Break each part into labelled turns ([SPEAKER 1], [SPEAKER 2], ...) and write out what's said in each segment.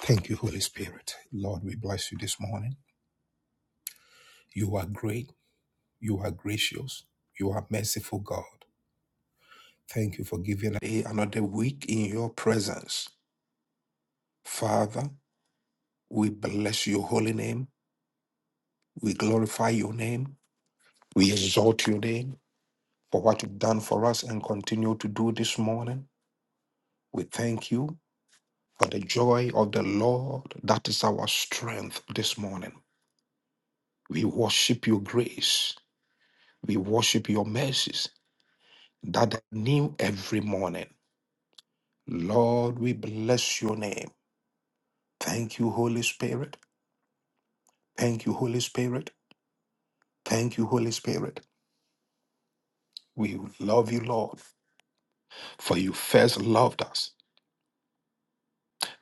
[SPEAKER 1] Thank you, Holy Spirit. Lord, we bless you this morning. You are great. You are gracious. You are merciful, God. Thank you for giving a, another week in your presence. Father, we bless your holy name. We glorify your name. We exalt your name for what you've done for us and continue to do this morning. We thank you for the joy of the Lord. That is our strength this morning. We worship your grace. We worship your mercies. that are new every morning. Lord, we bless your name. Thank you, Holy Spirit. Thank you, Holy Spirit. Thank you, Holy Spirit. We love you, Lord, for you first loved us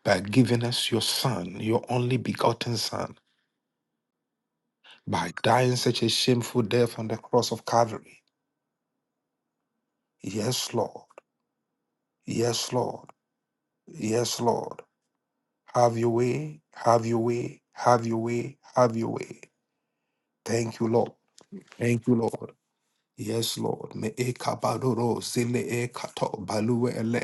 [SPEAKER 1] by giving us your Son, your only begotten Son, by dying such a shameful death on the cross of Calvary. Yes, Lord. Yes, Lord. Yes, Lord. Have your way. Have your way. Have your way. Have your way. Thank you, Lord. Thank you, Lord. Yes, Lord. Me e kabadoro zile e kato balue ele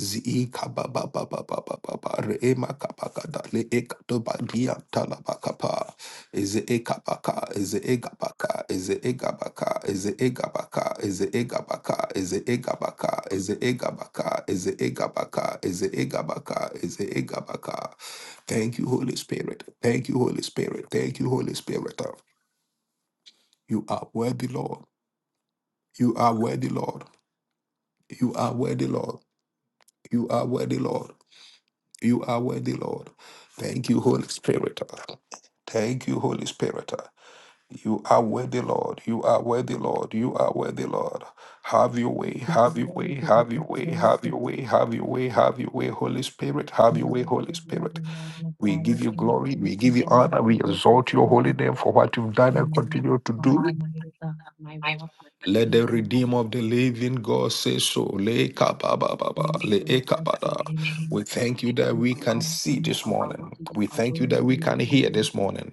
[SPEAKER 1] zi e kababa ba ba ba ba ba ba re e makabakada le e kato badia talabakapa is e kabaka is e gabaka is e gabaka is e gabaka is e gabaka is e gabaka is e gabaka is e gabaka is e gabaka is e gabaka. Thank you, Holy Spirit. Thank you, Holy Spirit. Thank you, Holy Spirit. You are worthy, Lord. You are worthy, Lord. You are worthy, Lord. You are worthy, Lord. You are worthy, Lord. Thank you, Holy Spirit. Thank you, Holy Spirit. You are worthy, Lord. You are worthy, Lord. You are worthy, Lord. Have your way,
[SPEAKER 2] We
[SPEAKER 1] have your way,
[SPEAKER 2] worthy of
[SPEAKER 1] have
[SPEAKER 2] the
[SPEAKER 1] your way,
[SPEAKER 2] praise
[SPEAKER 1] have
[SPEAKER 2] of
[SPEAKER 1] your way, have your way, have your way, Holy Spirit, have your way, Holy
[SPEAKER 2] hallelujah.
[SPEAKER 1] Spirit.
[SPEAKER 2] We
[SPEAKER 1] We
[SPEAKER 2] magnify you,
[SPEAKER 1] give you
[SPEAKER 2] King of
[SPEAKER 1] glory,
[SPEAKER 2] Kings
[SPEAKER 1] we give
[SPEAKER 2] and
[SPEAKER 1] you
[SPEAKER 2] Lord of
[SPEAKER 1] honor, we
[SPEAKER 2] Lords. We
[SPEAKER 1] exalt your
[SPEAKER 2] honor
[SPEAKER 1] holy
[SPEAKER 2] you.
[SPEAKER 1] name for what you've done
[SPEAKER 2] We
[SPEAKER 1] and continue to
[SPEAKER 2] magnify
[SPEAKER 1] do.
[SPEAKER 2] you, My God, my rock, my
[SPEAKER 1] Let
[SPEAKER 2] shield,
[SPEAKER 1] the
[SPEAKER 2] my
[SPEAKER 1] redeemer
[SPEAKER 2] strong
[SPEAKER 1] of the
[SPEAKER 2] tower.
[SPEAKER 1] living God say so. Le kapa ba ba ba,
[SPEAKER 2] Praise
[SPEAKER 1] le
[SPEAKER 2] you.
[SPEAKER 1] e
[SPEAKER 2] I bless
[SPEAKER 1] kapa
[SPEAKER 2] your
[SPEAKER 1] da.
[SPEAKER 2] name,
[SPEAKER 1] We
[SPEAKER 2] mighty God.
[SPEAKER 1] thank you that
[SPEAKER 2] You
[SPEAKER 1] we
[SPEAKER 2] are
[SPEAKER 1] can
[SPEAKER 2] worthy.
[SPEAKER 1] see
[SPEAKER 2] You
[SPEAKER 1] this
[SPEAKER 2] are worthy.
[SPEAKER 1] morning.
[SPEAKER 2] You
[SPEAKER 1] We
[SPEAKER 2] are
[SPEAKER 1] thank you that
[SPEAKER 2] worthy.
[SPEAKER 1] we
[SPEAKER 2] You
[SPEAKER 1] can
[SPEAKER 2] are
[SPEAKER 1] hear this
[SPEAKER 2] worthy.
[SPEAKER 1] morning.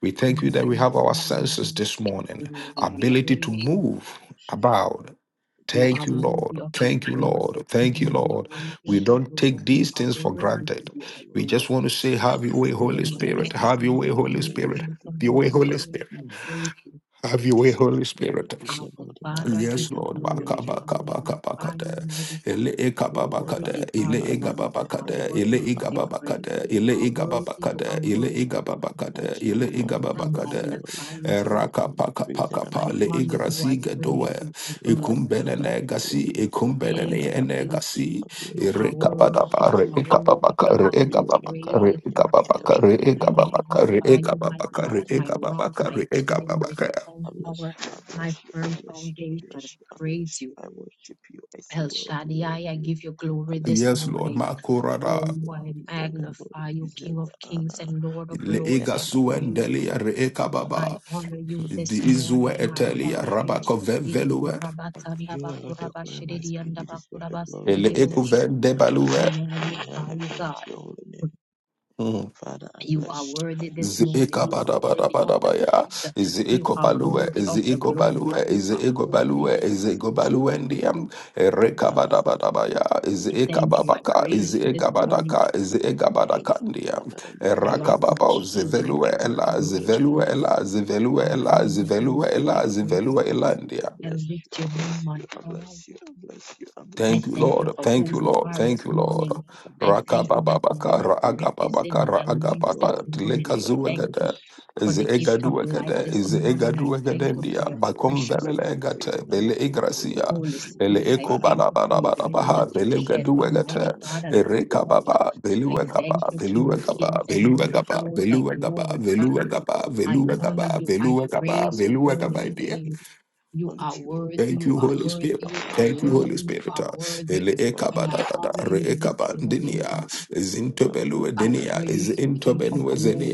[SPEAKER 1] We
[SPEAKER 2] I
[SPEAKER 1] thank you that we have our
[SPEAKER 2] magnify your
[SPEAKER 1] senses
[SPEAKER 2] name,
[SPEAKER 1] this
[SPEAKER 2] King of
[SPEAKER 1] morning,
[SPEAKER 2] Glory. I
[SPEAKER 1] ability to
[SPEAKER 2] praise you.
[SPEAKER 1] move
[SPEAKER 3] shall
[SPEAKER 1] about.
[SPEAKER 2] You are
[SPEAKER 1] Thank you, Lord.
[SPEAKER 2] worthy of my
[SPEAKER 1] Thank you,
[SPEAKER 2] praise this
[SPEAKER 1] Lord. Thank you,
[SPEAKER 2] morning. You are
[SPEAKER 1] Lord.
[SPEAKER 2] worthy
[SPEAKER 1] We
[SPEAKER 2] of the
[SPEAKER 3] Worship
[SPEAKER 1] don't
[SPEAKER 3] and
[SPEAKER 2] glory.
[SPEAKER 1] take
[SPEAKER 2] You
[SPEAKER 1] these
[SPEAKER 2] are
[SPEAKER 1] things
[SPEAKER 3] praise
[SPEAKER 1] for
[SPEAKER 3] thank
[SPEAKER 2] worthy
[SPEAKER 3] you
[SPEAKER 2] to
[SPEAKER 3] for
[SPEAKER 1] granted.
[SPEAKER 3] all
[SPEAKER 2] be
[SPEAKER 3] the
[SPEAKER 1] We
[SPEAKER 3] glory.
[SPEAKER 2] adored.
[SPEAKER 1] just want to say, Have
[SPEAKER 3] I
[SPEAKER 1] your
[SPEAKER 3] say
[SPEAKER 1] way,
[SPEAKER 3] all
[SPEAKER 2] I
[SPEAKER 3] the
[SPEAKER 1] Holy
[SPEAKER 3] glory
[SPEAKER 1] Spirit.
[SPEAKER 3] must
[SPEAKER 2] magnify
[SPEAKER 3] be
[SPEAKER 1] Have
[SPEAKER 3] yours.
[SPEAKER 1] your
[SPEAKER 3] I
[SPEAKER 1] way,
[SPEAKER 2] You,
[SPEAKER 3] give you
[SPEAKER 1] Holy
[SPEAKER 2] King of
[SPEAKER 1] Spirit.
[SPEAKER 3] praise.
[SPEAKER 2] kings
[SPEAKER 3] thank
[SPEAKER 2] and
[SPEAKER 3] you
[SPEAKER 2] praise
[SPEAKER 1] Have
[SPEAKER 2] the
[SPEAKER 1] your
[SPEAKER 3] for all
[SPEAKER 1] way,
[SPEAKER 3] the
[SPEAKER 2] Lord of
[SPEAKER 1] Holy
[SPEAKER 3] glory.
[SPEAKER 2] Lords,
[SPEAKER 1] Spirit.
[SPEAKER 2] I
[SPEAKER 3] Mm.
[SPEAKER 2] praise you.
[SPEAKER 1] Have
[SPEAKER 3] You
[SPEAKER 1] your way,
[SPEAKER 3] deserve
[SPEAKER 1] Holy
[SPEAKER 3] the glory.
[SPEAKER 1] Spirit.
[SPEAKER 3] You
[SPEAKER 2] Our
[SPEAKER 3] deserve all the honor.
[SPEAKER 2] Father, I give
[SPEAKER 1] Yes,
[SPEAKER 3] Praise
[SPEAKER 2] you
[SPEAKER 3] and
[SPEAKER 1] Lord.
[SPEAKER 3] honor be
[SPEAKER 1] Baka
[SPEAKER 3] unto
[SPEAKER 2] glory. I
[SPEAKER 3] your
[SPEAKER 1] baka
[SPEAKER 3] holy
[SPEAKER 1] baka
[SPEAKER 3] name.
[SPEAKER 1] baka
[SPEAKER 2] magnify
[SPEAKER 1] de.
[SPEAKER 2] you, mighty God.
[SPEAKER 1] Ele
[SPEAKER 3] Be
[SPEAKER 1] eka baba kade.
[SPEAKER 2] Worthy
[SPEAKER 3] glorified. Be
[SPEAKER 2] are
[SPEAKER 1] Ele
[SPEAKER 2] you,
[SPEAKER 1] ega
[SPEAKER 2] Lamb of
[SPEAKER 1] baba
[SPEAKER 3] magnified.
[SPEAKER 2] God.
[SPEAKER 1] kade.
[SPEAKER 3] Thank you,
[SPEAKER 1] Ele
[SPEAKER 2] Worthy to
[SPEAKER 1] ega
[SPEAKER 2] be
[SPEAKER 3] Father.
[SPEAKER 1] baba
[SPEAKER 3] Thank
[SPEAKER 2] praised.
[SPEAKER 3] you,
[SPEAKER 1] kade.
[SPEAKER 2] You
[SPEAKER 1] Ele
[SPEAKER 2] are
[SPEAKER 3] God.
[SPEAKER 1] ega baba
[SPEAKER 2] worthy. You
[SPEAKER 1] kade.
[SPEAKER 2] are
[SPEAKER 1] Ele
[SPEAKER 3] Unto
[SPEAKER 2] worthy.
[SPEAKER 3] you
[SPEAKER 1] ega baba
[SPEAKER 3] alone.
[SPEAKER 1] kade.
[SPEAKER 3] Unto you
[SPEAKER 1] Ele
[SPEAKER 3] alone.
[SPEAKER 1] ega
[SPEAKER 3] You
[SPEAKER 2] I
[SPEAKER 1] baba
[SPEAKER 3] deserve the
[SPEAKER 1] kade.
[SPEAKER 3] glory.
[SPEAKER 2] magnify
[SPEAKER 3] You
[SPEAKER 2] you,
[SPEAKER 3] deserve
[SPEAKER 2] my
[SPEAKER 3] the
[SPEAKER 2] God.
[SPEAKER 1] Raka
[SPEAKER 3] honor.
[SPEAKER 1] paka
[SPEAKER 3] Praise and
[SPEAKER 1] paka
[SPEAKER 3] honor
[SPEAKER 1] pa.
[SPEAKER 2] I
[SPEAKER 3] be
[SPEAKER 1] Le
[SPEAKER 3] unto
[SPEAKER 2] honor
[SPEAKER 3] your
[SPEAKER 1] igra
[SPEAKER 2] you.
[SPEAKER 3] holy
[SPEAKER 2] I
[SPEAKER 3] name.
[SPEAKER 1] ziga
[SPEAKER 2] praise
[SPEAKER 1] doe.
[SPEAKER 2] you. I
[SPEAKER 3] Be
[SPEAKER 2] bless you.
[SPEAKER 1] Ikumbene
[SPEAKER 3] magnified. Be
[SPEAKER 1] negasi.
[SPEAKER 3] glorified,
[SPEAKER 1] Ikumbene
[SPEAKER 2] Thank
[SPEAKER 3] Father.
[SPEAKER 1] ne
[SPEAKER 2] you,
[SPEAKER 3] I bless
[SPEAKER 2] Jesus.
[SPEAKER 3] you.
[SPEAKER 1] negasi.
[SPEAKER 3] I
[SPEAKER 2] You
[SPEAKER 3] bless
[SPEAKER 2] are
[SPEAKER 3] you. I
[SPEAKER 1] Ereka
[SPEAKER 3] bless
[SPEAKER 2] worthy.
[SPEAKER 1] baba
[SPEAKER 3] you.
[SPEAKER 2] You
[SPEAKER 1] kare.
[SPEAKER 2] are
[SPEAKER 1] Eka baba
[SPEAKER 2] worthy,
[SPEAKER 1] kare.
[SPEAKER 2] Father,
[SPEAKER 3] Thank
[SPEAKER 2] to
[SPEAKER 3] you,
[SPEAKER 1] Eka
[SPEAKER 2] be
[SPEAKER 3] O
[SPEAKER 1] baba
[SPEAKER 3] Lord,
[SPEAKER 2] praised
[SPEAKER 3] King of
[SPEAKER 1] kare.
[SPEAKER 2] this
[SPEAKER 1] Eka
[SPEAKER 3] Kings, you
[SPEAKER 1] baba
[SPEAKER 2] morning.
[SPEAKER 3] deserve the
[SPEAKER 1] kare. Eka
[SPEAKER 3] glory.
[SPEAKER 2] I
[SPEAKER 3] Thank
[SPEAKER 1] baba
[SPEAKER 3] you,
[SPEAKER 1] kare.
[SPEAKER 3] Jesus.
[SPEAKER 2] magnify
[SPEAKER 1] Eka
[SPEAKER 2] you,
[SPEAKER 3] Thank
[SPEAKER 2] my
[SPEAKER 1] baba
[SPEAKER 3] you,
[SPEAKER 2] God,
[SPEAKER 1] kare.
[SPEAKER 3] Father.
[SPEAKER 2] my
[SPEAKER 1] Eka
[SPEAKER 2] rock,
[SPEAKER 1] baba
[SPEAKER 2] my
[SPEAKER 1] kare. Eka
[SPEAKER 2] shield,
[SPEAKER 1] baba
[SPEAKER 2] my
[SPEAKER 1] kare.
[SPEAKER 2] strong
[SPEAKER 3] I bless
[SPEAKER 2] tower,
[SPEAKER 3] you, I
[SPEAKER 2] my
[SPEAKER 3] bless you, I
[SPEAKER 2] firm
[SPEAKER 3] bless you, I
[SPEAKER 2] foundation. I
[SPEAKER 3] bless you, I bless
[SPEAKER 2] praise
[SPEAKER 3] you.
[SPEAKER 2] you.
[SPEAKER 3] I worship you. I say,
[SPEAKER 2] El
[SPEAKER 3] well, do well,
[SPEAKER 2] Shaddai, I
[SPEAKER 3] do.
[SPEAKER 2] give you glory this
[SPEAKER 1] Yes, Lord.
[SPEAKER 2] morning.
[SPEAKER 3] Hallelujah. Thank you,
[SPEAKER 1] Makurada.
[SPEAKER 3] O
[SPEAKER 2] Oh,
[SPEAKER 3] Lord.
[SPEAKER 2] I
[SPEAKER 3] You deserve the glory.
[SPEAKER 2] magnify
[SPEAKER 3] You
[SPEAKER 2] you,
[SPEAKER 3] deserve
[SPEAKER 2] King of
[SPEAKER 3] the
[SPEAKER 2] kings
[SPEAKER 3] honor.
[SPEAKER 2] and Lord of
[SPEAKER 3] Praise
[SPEAKER 2] lords.
[SPEAKER 3] and
[SPEAKER 1] Leega
[SPEAKER 2] I
[SPEAKER 3] honor
[SPEAKER 1] suen
[SPEAKER 3] belong
[SPEAKER 2] praise
[SPEAKER 3] to you,
[SPEAKER 2] you.
[SPEAKER 3] O
[SPEAKER 1] delia
[SPEAKER 3] Lord.
[SPEAKER 1] reeka
[SPEAKER 3] You Be
[SPEAKER 2] I
[SPEAKER 1] baba.
[SPEAKER 3] magnified.
[SPEAKER 2] honor you this
[SPEAKER 1] Di
[SPEAKER 2] morning,
[SPEAKER 1] izue
[SPEAKER 3] Be
[SPEAKER 2] my
[SPEAKER 1] etelia
[SPEAKER 2] God.
[SPEAKER 3] glorified, King of
[SPEAKER 1] rabako ven
[SPEAKER 2] Ishakiri
[SPEAKER 1] velue.
[SPEAKER 3] Thank
[SPEAKER 2] kurabatsanda
[SPEAKER 3] you, O Lord. The glory must
[SPEAKER 2] bakurabashiridi
[SPEAKER 3] be.
[SPEAKER 2] yanda
[SPEAKER 3] You deserve the glory. You
[SPEAKER 1] Ele
[SPEAKER 2] bakurabasiridibo.
[SPEAKER 1] eko
[SPEAKER 3] deserve the
[SPEAKER 1] ven
[SPEAKER 3] honor.
[SPEAKER 2] I
[SPEAKER 1] debalue.
[SPEAKER 3] And
[SPEAKER 2] magnify
[SPEAKER 3] honor
[SPEAKER 2] you,
[SPEAKER 3] belong to
[SPEAKER 2] God.
[SPEAKER 3] your holy name.
[SPEAKER 1] Mm.
[SPEAKER 3] Father, I
[SPEAKER 2] You are
[SPEAKER 3] bless you. I
[SPEAKER 2] worthy this
[SPEAKER 1] z e
[SPEAKER 3] bless you.
[SPEAKER 2] morning.
[SPEAKER 1] eka
[SPEAKER 3] I
[SPEAKER 2] You are
[SPEAKER 1] bada
[SPEAKER 3] bless
[SPEAKER 1] bada
[SPEAKER 3] you.
[SPEAKER 2] worthy
[SPEAKER 3] I
[SPEAKER 2] of
[SPEAKER 1] bada
[SPEAKER 2] the
[SPEAKER 3] bless
[SPEAKER 1] baya.
[SPEAKER 3] you.
[SPEAKER 2] praise.
[SPEAKER 1] z e
[SPEAKER 2] You
[SPEAKER 1] eko
[SPEAKER 2] are
[SPEAKER 3] give you
[SPEAKER 1] balue.
[SPEAKER 2] worthy
[SPEAKER 1] Zi
[SPEAKER 2] of
[SPEAKER 3] praise,
[SPEAKER 2] the
[SPEAKER 3] we
[SPEAKER 1] eko
[SPEAKER 3] give you
[SPEAKER 2] glory.
[SPEAKER 3] all
[SPEAKER 1] balue.
[SPEAKER 3] the
[SPEAKER 2] You
[SPEAKER 1] z
[SPEAKER 2] are
[SPEAKER 1] e
[SPEAKER 3] glory.
[SPEAKER 1] eko
[SPEAKER 3] All
[SPEAKER 2] worthy.
[SPEAKER 1] balue.
[SPEAKER 3] honor
[SPEAKER 1] Zi
[SPEAKER 3] is
[SPEAKER 1] eko
[SPEAKER 3] yours,
[SPEAKER 1] balue
[SPEAKER 3] O God.
[SPEAKER 1] ndiam.
[SPEAKER 3] We
[SPEAKER 1] Ereka
[SPEAKER 3] magnify
[SPEAKER 1] bada bada baya.
[SPEAKER 3] you,
[SPEAKER 1] z
[SPEAKER 2] I
[SPEAKER 1] e eka
[SPEAKER 2] thank you. I
[SPEAKER 3] glorify.
[SPEAKER 1] babaka. z
[SPEAKER 3] Thank
[SPEAKER 2] praise you
[SPEAKER 1] e
[SPEAKER 3] you,
[SPEAKER 2] this
[SPEAKER 1] eka
[SPEAKER 3] Father.
[SPEAKER 2] morning.
[SPEAKER 1] badaka. z e eka badaka
[SPEAKER 3] Thank you,
[SPEAKER 1] ndiam.
[SPEAKER 3] Father, that you
[SPEAKER 2] I
[SPEAKER 1] Eraka
[SPEAKER 2] rock
[SPEAKER 3] deserve it.
[SPEAKER 2] my
[SPEAKER 3] You
[SPEAKER 1] baba. Zi
[SPEAKER 2] shield,
[SPEAKER 3] deserve it,
[SPEAKER 2] my
[SPEAKER 1] velue
[SPEAKER 3] Lord.
[SPEAKER 2] firm
[SPEAKER 3] You
[SPEAKER 1] ela. Zi
[SPEAKER 3] alone are
[SPEAKER 1] velue
[SPEAKER 2] foundation.
[SPEAKER 1] ela. Zi
[SPEAKER 3] worthy.
[SPEAKER 1] velue
[SPEAKER 2] I
[SPEAKER 1] ela. Zi
[SPEAKER 2] honor
[SPEAKER 3] Unto you
[SPEAKER 2] you.
[SPEAKER 1] velue
[SPEAKER 3] alone can
[SPEAKER 2] I
[SPEAKER 1] ela.
[SPEAKER 3] I
[SPEAKER 1] Zi
[SPEAKER 3] pray.
[SPEAKER 2] praise
[SPEAKER 3] You
[SPEAKER 1] velue
[SPEAKER 2] you.
[SPEAKER 1] ela
[SPEAKER 3] deserve it.
[SPEAKER 1] ndiam.
[SPEAKER 3] I
[SPEAKER 2] I
[SPEAKER 3] bless you.
[SPEAKER 2] lift your
[SPEAKER 3] I bless
[SPEAKER 2] name on
[SPEAKER 3] you. I
[SPEAKER 2] high.
[SPEAKER 3] bless you. I bless you. I
[SPEAKER 2] I
[SPEAKER 1] Thank
[SPEAKER 3] bless
[SPEAKER 1] you,
[SPEAKER 3] you.
[SPEAKER 2] thank you
[SPEAKER 1] Lord.
[SPEAKER 2] for
[SPEAKER 3] I
[SPEAKER 1] Thank
[SPEAKER 2] who
[SPEAKER 1] you,
[SPEAKER 2] you
[SPEAKER 3] say,
[SPEAKER 1] Lord.
[SPEAKER 2] are
[SPEAKER 3] Lord,
[SPEAKER 1] Thank
[SPEAKER 2] this
[SPEAKER 1] you,
[SPEAKER 3] Lord,
[SPEAKER 1] Lord.
[SPEAKER 2] morning. I thank you
[SPEAKER 3] hallelujah.
[SPEAKER 2] that
[SPEAKER 1] Rakabababaka,
[SPEAKER 2] your breath is
[SPEAKER 1] raagababaka,
[SPEAKER 2] in my
[SPEAKER 3] Unto
[SPEAKER 2] lungs
[SPEAKER 3] you
[SPEAKER 2] this
[SPEAKER 1] raagababa,
[SPEAKER 3] alone,
[SPEAKER 2] morning.
[SPEAKER 3] ready
[SPEAKER 2] I
[SPEAKER 3] God. I
[SPEAKER 2] thank
[SPEAKER 3] bless
[SPEAKER 1] tilekazuwegede,
[SPEAKER 2] you
[SPEAKER 3] you. I
[SPEAKER 2] for the
[SPEAKER 3] bless
[SPEAKER 2] gift
[SPEAKER 3] you.
[SPEAKER 2] of
[SPEAKER 3] I
[SPEAKER 2] life
[SPEAKER 3] give
[SPEAKER 1] ezeegaduwegede,
[SPEAKER 3] you
[SPEAKER 2] this
[SPEAKER 3] all the honor.
[SPEAKER 2] morning. I thank you for
[SPEAKER 1] ezeegaduwegedendia,
[SPEAKER 3] Thank you
[SPEAKER 2] your
[SPEAKER 3] for all the
[SPEAKER 2] precious
[SPEAKER 3] praise,
[SPEAKER 1] bakomveleleegete,
[SPEAKER 3] praise and honor
[SPEAKER 1] bele
[SPEAKER 3] be unto you, Lord,
[SPEAKER 1] igracia,
[SPEAKER 3] and
[SPEAKER 2] Holy
[SPEAKER 3] be
[SPEAKER 1] bele
[SPEAKER 2] Spirit. I
[SPEAKER 3] magnified.
[SPEAKER 2] thank you for your
[SPEAKER 3] The
[SPEAKER 2] blood
[SPEAKER 1] ekobalabalabalabaha,
[SPEAKER 2] that
[SPEAKER 3] glory
[SPEAKER 2] you
[SPEAKER 3] of the
[SPEAKER 2] shed,
[SPEAKER 3] Father,
[SPEAKER 1] belegeduwegete,
[SPEAKER 2] Almighty
[SPEAKER 3] unto
[SPEAKER 2] God, on the
[SPEAKER 3] you, O
[SPEAKER 2] cross.
[SPEAKER 1] erekababa,
[SPEAKER 3] Lord,
[SPEAKER 2] I
[SPEAKER 1] beluwegaba,
[SPEAKER 2] thank
[SPEAKER 3] unto
[SPEAKER 2] you,
[SPEAKER 3] you,
[SPEAKER 2] King of
[SPEAKER 3] O Lord.
[SPEAKER 2] Kings
[SPEAKER 1] beluwegaba,
[SPEAKER 2] and
[SPEAKER 3] I
[SPEAKER 2] Lord of
[SPEAKER 1] beluwegaba,
[SPEAKER 3] worship
[SPEAKER 2] Lords. I
[SPEAKER 3] you.
[SPEAKER 1] beluwegaba,
[SPEAKER 2] glorify
[SPEAKER 3] They
[SPEAKER 2] you.
[SPEAKER 3] will do
[SPEAKER 1] beluwegaba,
[SPEAKER 3] all
[SPEAKER 2] I
[SPEAKER 3] the honor
[SPEAKER 2] honor
[SPEAKER 3] be
[SPEAKER 1] beluwegaba,
[SPEAKER 2] you. I
[SPEAKER 3] share
[SPEAKER 1] beluwegaba,
[SPEAKER 2] praise
[SPEAKER 3] unto
[SPEAKER 2] your
[SPEAKER 3] you, O Lord,
[SPEAKER 2] holy
[SPEAKER 3] and I
[SPEAKER 1] beluwegabendia.
[SPEAKER 2] name.
[SPEAKER 3] pray
[SPEAKER 2] You are
[SPEAKER 3] unto you, O
[SPEAKER 2] worthy,
[SPEAKER 3] Lord. I
[SPEAKER 1] Thank
[SPEAKER 2] you
[SPEAKER 1] you,
[SPEAKER 2] are
[SPEAKER 3] bless
[SPEAKER 1] Holy
[SPEAKER 2] worthy,
[SPEAKER 3] you, I
[SPEAKER 1] Spirit.
[SPEAKER 2] you are
[SPEAKER 3] bless
[SPEAKER 1] Thank
[SPEAKER 3] you,
[SPEAKER 1] you,
[SPEAKER 3] I
[SPEAKER 2] worthy,
[SPEAKER 1] Holy
[SPEAKER 2] you
[SPEAKER 3] bless
[SPEAKER 1] Spirit.
[SPEAKER 2] are
[SPEAKER 3] you.
[SPEAKER 2] worthy.
[SPEAKER 1] Ele
[SPEAKER 3] Unto
[SPEAKER 2] And
[SPEAKER 1] ekaba
[SPEAKER 2] I
[SPEAKER 3] you,
[SPEAKER 1] da
[SPEAKER 3] I bless
[SPEAKER 1] da da
[SPEAKER 2] honor
[SPEAKER 3] you.
[SPEAKER 1] re
[SPEAKER 2] you
[SPEAKER 3] You
[SPEAKER 2] this
[SPEAKER 1] ekaba
[SPEAKER 3] deserve the
[SPEAKER 2] morning,
[SPEAKER 3] glory,
[SPEAKER 1] dinia
[SPEAKER 3] you
[SPEAKER 2] God.
[SPEAKER 3] deserve
[SPEAKER 1] is
[SPEAKER 3] the honor,
[SPEAKER 1] intobelu
[SPEAKER 3] praise and
[SPEAKER 2] I
[SPEAKER 3] honor be unto
[SPEAKER 2] praise you,
[SPEAKER 3] you, O
[SPEAKER 2] King
[SPEAKER 3] Lord.
[SPEAKER 2] of